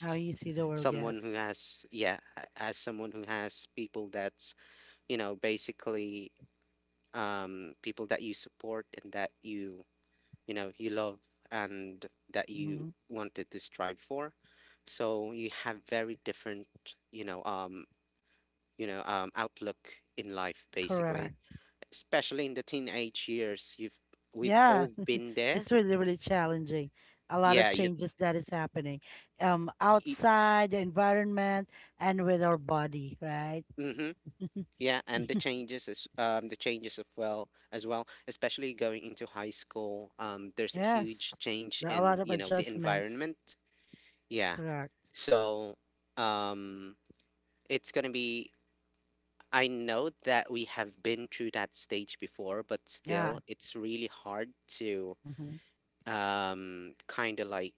[SPEAKER 1] How you see the world,
[SPEAKER 3] someone who
[SPEAKER 1] yes.
[SPEAKER 3] has, yeah, as someone who has people that's, basically, people that you support and that, you love, and that you
[SPEAKER 1] Hmm.
[SPEAKER 3] wanted to strive for. So you have very different, you know um outlook in life, basically,
[SPEAKER 1] Correct.
[SPEAKER 3] especially in the teenage years. You've We've
[SPEAKER 1] Yeah,
[SPEAKER 3] all been there,
[SPEAKER 1] it's really, really challenging. A lot of
[SPEAKER 3] yeah, you,
[SPEAKER 1] changes that is happening
[SPEAKER 3] you
[SPEAKER 1] outside the environment and with our body, right?
[SPEAKER 3] mm-hmm, yeah, and the changes is, the changes as well, especially going into high school. There's a
[SPEAKER 1] Yes,
[SPEAKER 3] huge change
[SPEAKER 1] there are a lot
[SPEAKER 3] in,
[SPEAKER 1] of
[SPEAKER 3] the
[SPEAKER 1] adjustments.
[SPEAKER 3] environment. Yeah,
[SPEAKER 1] Correct.
[SPEAKER 3] so, um it's gonna be I know that we have been through that stage before, but
[SPEAKER 1] Yeah.
[SPEAKER 3] still, it's really hard to,
[SPEAKER 1] Mm-hmm.
[SPEAKER 3] kind of like,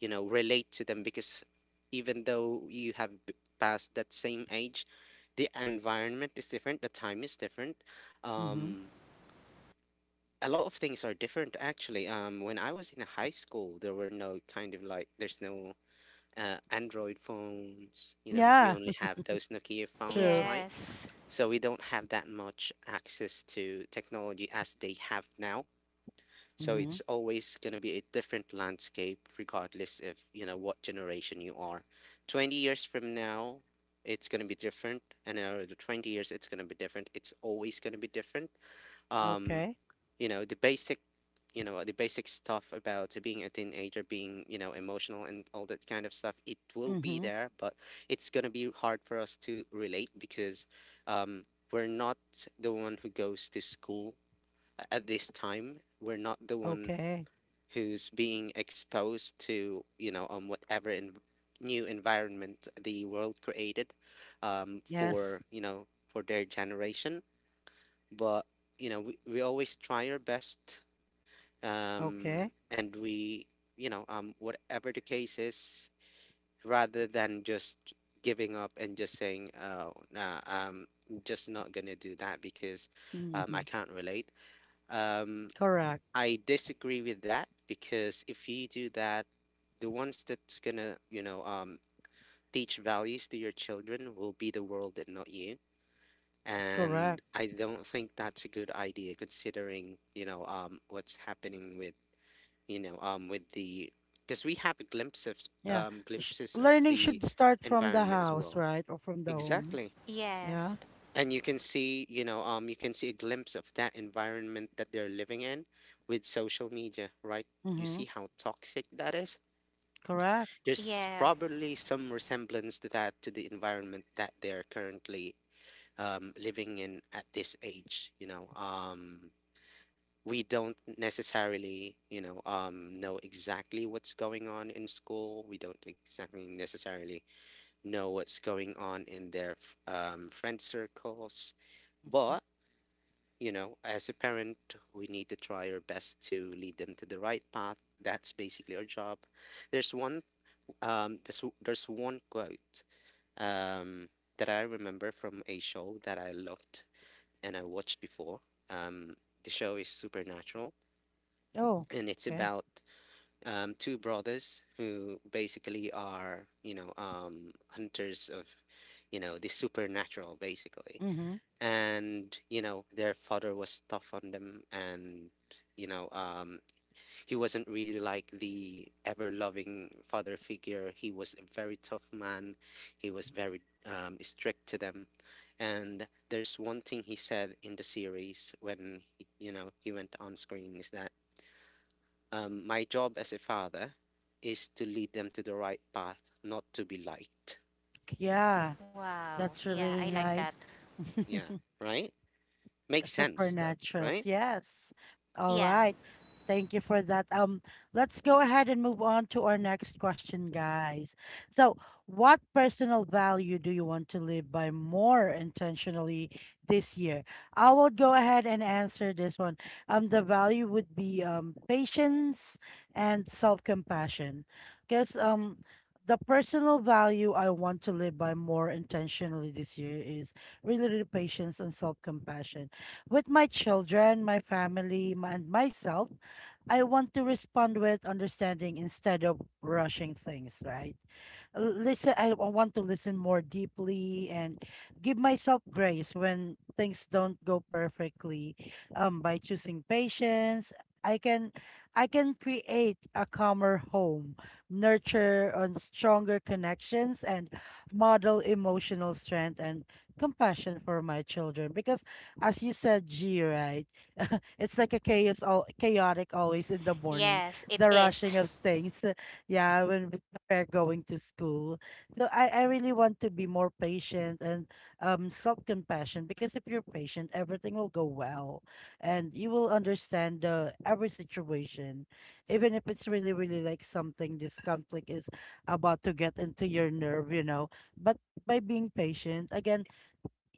[SPEAKER 3] relate to them, because even though you have, passed that same age, the environment is different, the time is different.
[SPEAKER 1] Mm-hmm.
[SPEAKER 3] Um, a lot of things are different, actually. When I was in high school, there were, no kind of like, there's no, Android phones, we
[SPEAKER 1] Yeah.
[SPEAKER 3] only have those Nokia phones,
[SPEAKER 1] True.
[SPEAKER 3] right?
[SPEAKER 2] Yes.
[SPEAKER 3] So we don't have that much access to technology as they have now. So
[SPEAKER 1] Mm-hmm.
[SPEAKER 3] it's always going to be a different landscape regardless of, you know, what generation you are. 20 years from now, it's going to be different, and another 20 years it's going to be different. It's always going to be different. Um
[SPEAKER 1] Okay.
[SPEAKER 3] you know the basic you know the basic stuff about being a teenager, being, you know, emotional and all that kind of stuff. It will be
[SPEAKER 1] Mm-hmm.
[SPEAKER 3] there, but it's going to be hard for us to relate because um, we're not the one who goes to school at this time. We're not the one
[SPEAKER 1] Okay.
[SPEAKER 3] who's being exposed to, you know, whatever in new environment the world created,
[SPEAKER 1] Yes.
[SPEAKER 3] for, you know, for their generation. But you know we always try our best, um,
[SPEAKER 1] Okay.
[SPEAKER 3] and we, you know, whatever the case is, rather than just giving up and just saying, "Oh, nah, I'm just not gonna do that because I
[SPEAKER 1] Mm-hmm.
[SPEAKER 3] can't relate." Um,
[SPEAKER 1] Correct.
[SPEAKER 3] I disagree with that because if you do that, the ones that's gonna, you know, teach values to your children will be the world and not you. And
[SPEAKER 1] Correct.
[SPEAKER 3] I don't think that's a good idea considering, you know, what's happening with you know, with the, because we have glimpses,
[SPEAKER 1] Yeah. Sh-
[SPEAKER 3] glimpses of
[SPEAKER 1] learning
[SPEAKER 3] the
[SPEAKER 1] should start from the
[SPEAKER 3] environment as
[SPEAKER 1] house,
[SPEAKER 3] well.
[SPEAKER 1] right? Or from the home.
[SPEAKER 3] Exactly,
[SPEAKER 1] Yeah.
[SPEAKER 2] Yes.
[SPEAKER 3] and you can see, you know, you can see a glimpse of that environment that they're living in with social media, right? You
[SPEAKER 1] Mm-hmm.
[SPEAKER 3] see how toxic that is.
[SPEAKER 1] Correct.
[SPEAKER 3] There's
[SPEAKER 2] Yeah,
[SPEAKER 3] probably some resemblance to that, to the environment that they're currently living in at this age. You know, we don't necessarily, you know exactly what's going on in school. We don't exactly necessarily know what's going on in their friend circles.
[SPEAKER 1] Hmm.
[SPEAKER 3] But, you know, as a parent, we need to try our best to lead them to the right path. That's basically our job. There's one, there's one quote um, that I remember from a show that I loved and I watched before. Um, the show is Supernatural,
[SPEAKER 1] Oh,
[SPEAKER 3] and it's
[SPEAKER 1] okay.
[SPEAKER 3] about two brothers who basically are, you know, hunters of, you know, the supernatural, basically.
[SPEAKER 1] Mm-hmm.
[SPEAKER 3] And, you know, their father was tough on them, and, you know, he wasn't really like the ever loving father figure. He was a very tough man. He was very strict to them. And there's one thing he said in the series when, he, you know, he went on screen, is that my job as a father is to lead them to the right path, not to be liked.
[SPEAKER 1] Yeah.
[SPEAKER 2] wow,
[SPEAKER 1] That's
[SPEAKER 2] yeah, I
[SPEAKER 1] really
[SPEAKER 2] like that.
[SPEAKER 1] nice.
[SPEAKER 3] Yeah, right? Makes sense though,
[SPEAKER 1] Supernaturals,
[SPEAKER 3] right?
[SPEAKER 1] yes. All
[SPEAKER 2] Yeah.
[SPEAKER 1] right. Thank you for that. Let's go ahead and move on to our next question, guys. So, what personal value do you want to live by more intentionally this year? I will go ahead and answer this one. The value would be patience and self-compassion. Because the personal value I want to live by more intentionally this year is really, really patience and self-compassion with my children, my family, and myself, I want to respond with understanding instead of rushing things, right? Listen, want to listen more deeply and give myself grace when things don't go perfectly. By choosing patience, I can I can create a calmer home, nurture on stronger connections and model emotional strength and compassion for my children because as you said, G, right? It's like a chaos, all chaotic always in the morning,
[SPEAKER 2] Yes, it
[SPEAKER 1] the
[SPEAKER 2] is.
[SPEAKER 1] rushing of things. Yeah, we're going to school. So I really want to be more patient and self-compassion because if you're patient, everything will go well, and you will understand every situation, even if it's really, really like something, this conflict is about to get into your nerve, you know. But by being patient, again,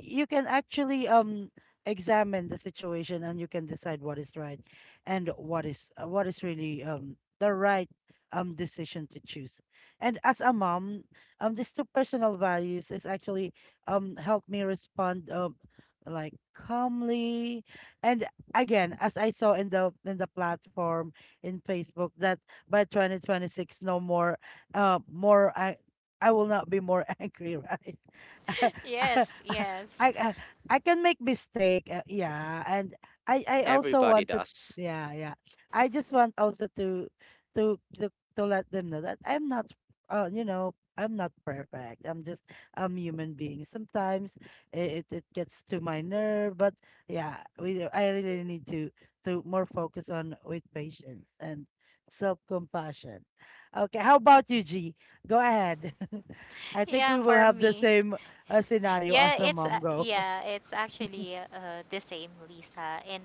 [SPEAKER 1] you can actually examine the situation and you can decide what is right and what is really the right decision to choose. And as a mom, these two personal values is actually help me respond like calmly, and again as I saw in the platform in Facebook that by 2026 no more more I will not be more angry, right?
[SPEAKER 2] Yes,
[SPEAKER 1] I,
[SPEAKER 2] yes.
[SPEAKER 1] I uh, I can make mistake. Yeah, and I also
[SPEAKER 3] Everybody
[SPEAKER 1] want to.
[SPEAKER 3] does.
[SPEAKER 1] Yeah, yeah. I just want also to to to to let them know that I'm not. You know, I'm not perfect. I'm human being. Sometimes it it gets to my nerve, but yeah, we I really need to more focus on with patience and self compassion. Okay, how about you, G? Go ahead. I think
[SPEAKER 2] Yeah,
[SPEAKER 1] we will
[SPEAKER 2] for
[SPEAKER 1] have the
[SPEAKER 2] me.
[SPEAKER 1] same a scenario
[SPEAKER 2] Yeah,
[SPEAKER 1] as a
[SPEAKER 2] it's uh,
[SPEAKER 1] mom go?
[SPEAKER 2] yeah, it's actually the same, Lisa. And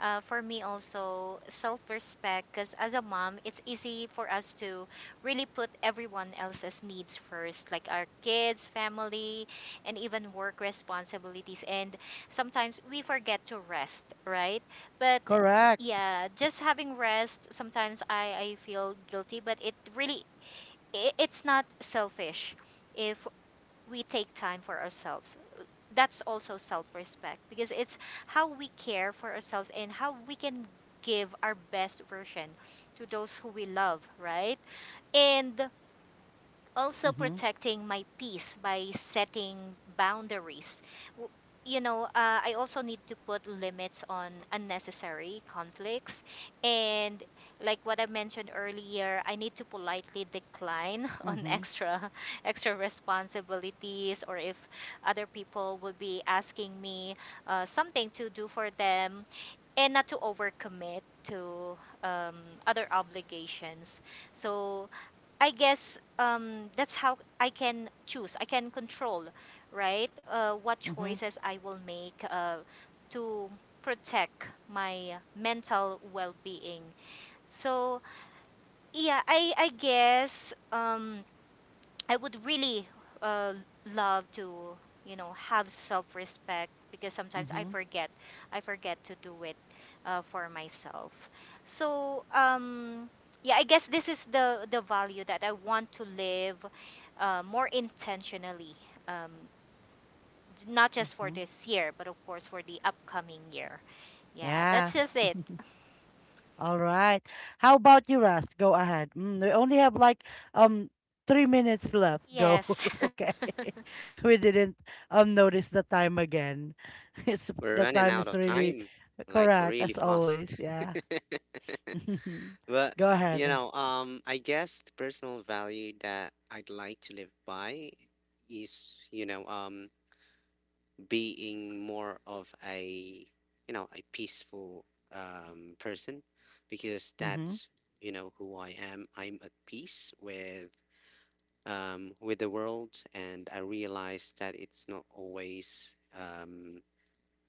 [SPEAKER 2] for me also self-respect, because as a mom, it's easy for us to really put everyone else's needs first, like our kids, family, and even work responsibilities. And sometimes we forget to rest, right? But
[SPEAKER 1] Correct.
[SPEAKER 2] yeah, just having rest, sometimes I feel guilty, but it really it's not selfish if we take time for ourselves. That's also self respect because it's how we care for ourselves and how we can give our best version to those who we love, right? And also
[SPEAKER 1] Mhm,
[SPEAKER 2] protecting my peace by setting boundaries. W- You know, I also need to put limits on unnecessary conflicts. And like what I mentioned earlier, I need to politely decline on
[SPEAKER 1] mhm,
[SPEAKER 2] extra responsibilities, or if other people would be asking me something to do for them, and not to overcommit to other obligations. So I guess that's how I can choose. I can control, right? What
[SPEAKER 1] mhm,
[SPEAKER 2] choices I will make to protect my mental well-being. So yeah, I guess I would really uh, love to, you know, have self-respect because sometimes
[SPEAKER 1] mhm,
[SPEAKER 2] I forget to do it for myself. So, yeah, I guess this is the value that I want to live more intentionally, um, not just for
[SPEAKER 1] mhm.
[SPEAKER 2] this year, but of course for the upcoming year. Yeah,
[SPEAKER 1] Yeah.
[SPEAKER 2] that's just it.
[SPEAKER 1] All right. How about you, Ras? Go ahead. Mm, we only have like um 3 minutes left. Go.
[SPEAKER 2] Yes.
[SPEAKER 1] Okay. We didn't notice the time again. It's
[SPEAKER 3] We're
[SPEAKER 1] the
[SPEAKER 3] running
[SPEAKER 1] time
[SPEAKER 3] out
[SPEAKER 1] is
[SPEAKER 3] of
[SPEAKER 1] really
[SPEAKER 3] time, like
[SPEAKER 1] correct
[SPEAKER 3] really
[SPEAKER 1] as always.
[SPEAKER 3] fast.
[SPEAKER 1] Yeah.
[SPEAKER 3] But
[SPEAKER 1] Go
[SPEAKER 3] you
[SPEAKER 1] ahead.
[SPEAKER 3] know, I guess the personal value that I'd like to live by is, you know, being more of a you know a peaceful person, because
[SPEAKER 1] Mhm.
[SPEAKER 3] that's, you know, who I am. I'm at peace with the world, and I realize that it's not always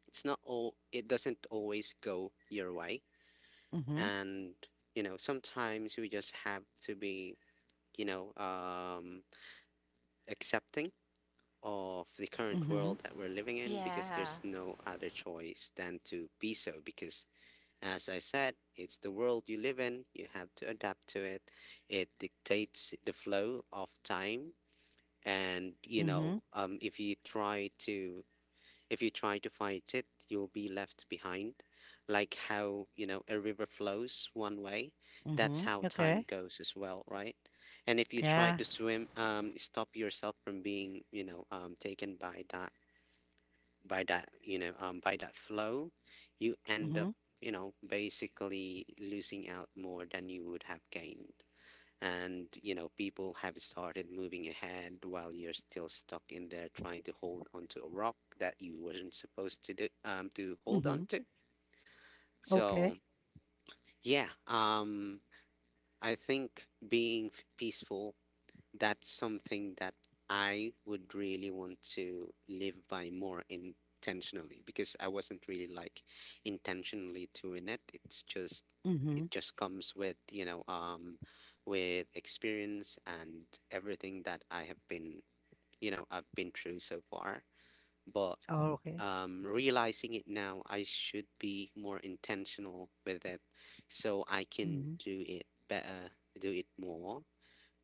[SPEAKER 3] it's not all it doesn't always go your way,
[SPEAKER 1] Mhm.
[SPEAKER 3] and you know sometimes we just have to be, you know, accepting of the current
[SPEAKER 1] Mhm.
[SPEAKER 3] world that we're living in, because
[SPEAKER 2] Yeah.
[SPEAKER 3] there's no other choice than to be so. Because, as I said, it's the world you live in, you have to adapt to it. It dictates the flow of time. And, you
[SPEAKER 1] Mhm.
[SPEAKER 3] know, if you try to fight it, you'll be left behind. Like how, you know, a river flows one way. That's
[SPEAKER 1] Mhm.
[SPEAKER 3] how time
[SPEAKER 1] Okay.
[SPEAKER 3] goes as well, right? And if you try
[SPEAKER 1] Yeah.
[SPEAKER 3] to swim, stop yourself from being, you know, taken by that, you know, by that flow, you end up,
[SPEAKER 1] Mhm.
[SPEAKER 3] you know, basically losing out more than you would have gained. And you know people have started moving ahead while you're still stuck in there trying to hold onto a rock that you weren't supposed to do to hold on
[SPEAKER 1] Mhm.
[SPEAKER 3] to.
[SPEAKER 1] Okay.
[SPEAKER 3] So yeah, I think being peaceful, that's something that I would really want to live by more intentionally, because I wasn't really like intentionally doing it. It's
[SPEAKER 1] Mhm.
[SPEAKER 3] just comes with, you know, with experience and everything that I have been you know I've been through so far. But
[SPEAKER 1] Oh, okay.
[SPEAKER 3] realizing it now, I should be more intentional with it, so I can
[SPEAKER 1] Mhm.
[SPEAKER 3] do it better, do it more,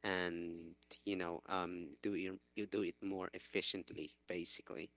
[SPEAKER 3] and you know do it you do it more efficiently, basically.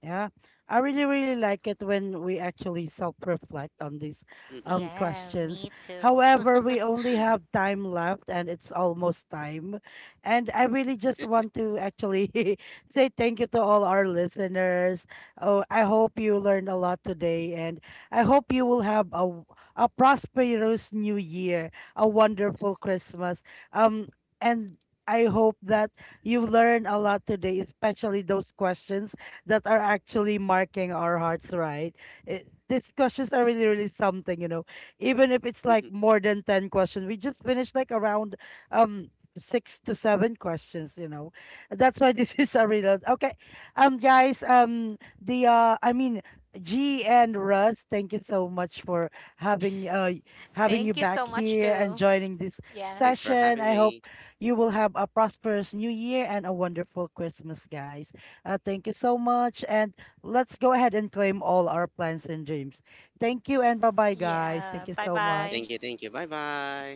[SPEAKER 1] Yeah, I really, really like it when we actually self-reflect on these
[SPEAKER 3] Hmm.
[SPEAKER 2] Yeah.
[SPEAKER 1] questions.
[SPEAKER 2] Me too.
[SPEAKER 1] However, we only have time left and it's almost time. And I really just want to actually say thank you to all our listeners. Oh, I hope you learned a lot today, and I hope you will have a prosperous new year, a wonderful Christmas. Um and I hope that you learn a lot today, especially those questions that are actually marking our hearts, right? These questions are really, really something, you know. Even if it's
[SPEAKER 3] Hmm.
[SPEAKER 1] like more than 10 questions, we just finished like around um six to seven questions, you know. That's why this is a reload. Okay. Guys, the I mean G and Russ, thank you so much for having uh having
[SPEAKER 2] Thank
[SPEAKER 1] you
[SPEAKER 2] you so
[SPEAKER 1] back
[SPEAKER 2] much
[SPEAKER 1] here and
[SPEAKER 2] too.
[SPEAKER 1] joining this
[SPEAKER 2] Yeah.
[SPEAKER 3] Thanks for
[SPEAKER 1] session.
[SPEAKER 3] having
[SPEAKER 1] I hope
[SPEAKER 3] me.
[SPEAKER 1] you will have a prosperous new year and a wonderful Christmas, guys. Thank you so much. And let's go ahead and claim all our plans and dreams. Thank you and bye bye, guys.
[SPEAKER 2] Yeah.
[SPEAKER 1] Thank you
[SPEAKER 2] Bye
[SPEAKER 1] so
[SPEAKER 3] Thank
[SPEAKER 2] bye.
[SPEAKER 1] much.
[SPEAKER 3] you, thank you, bye bye.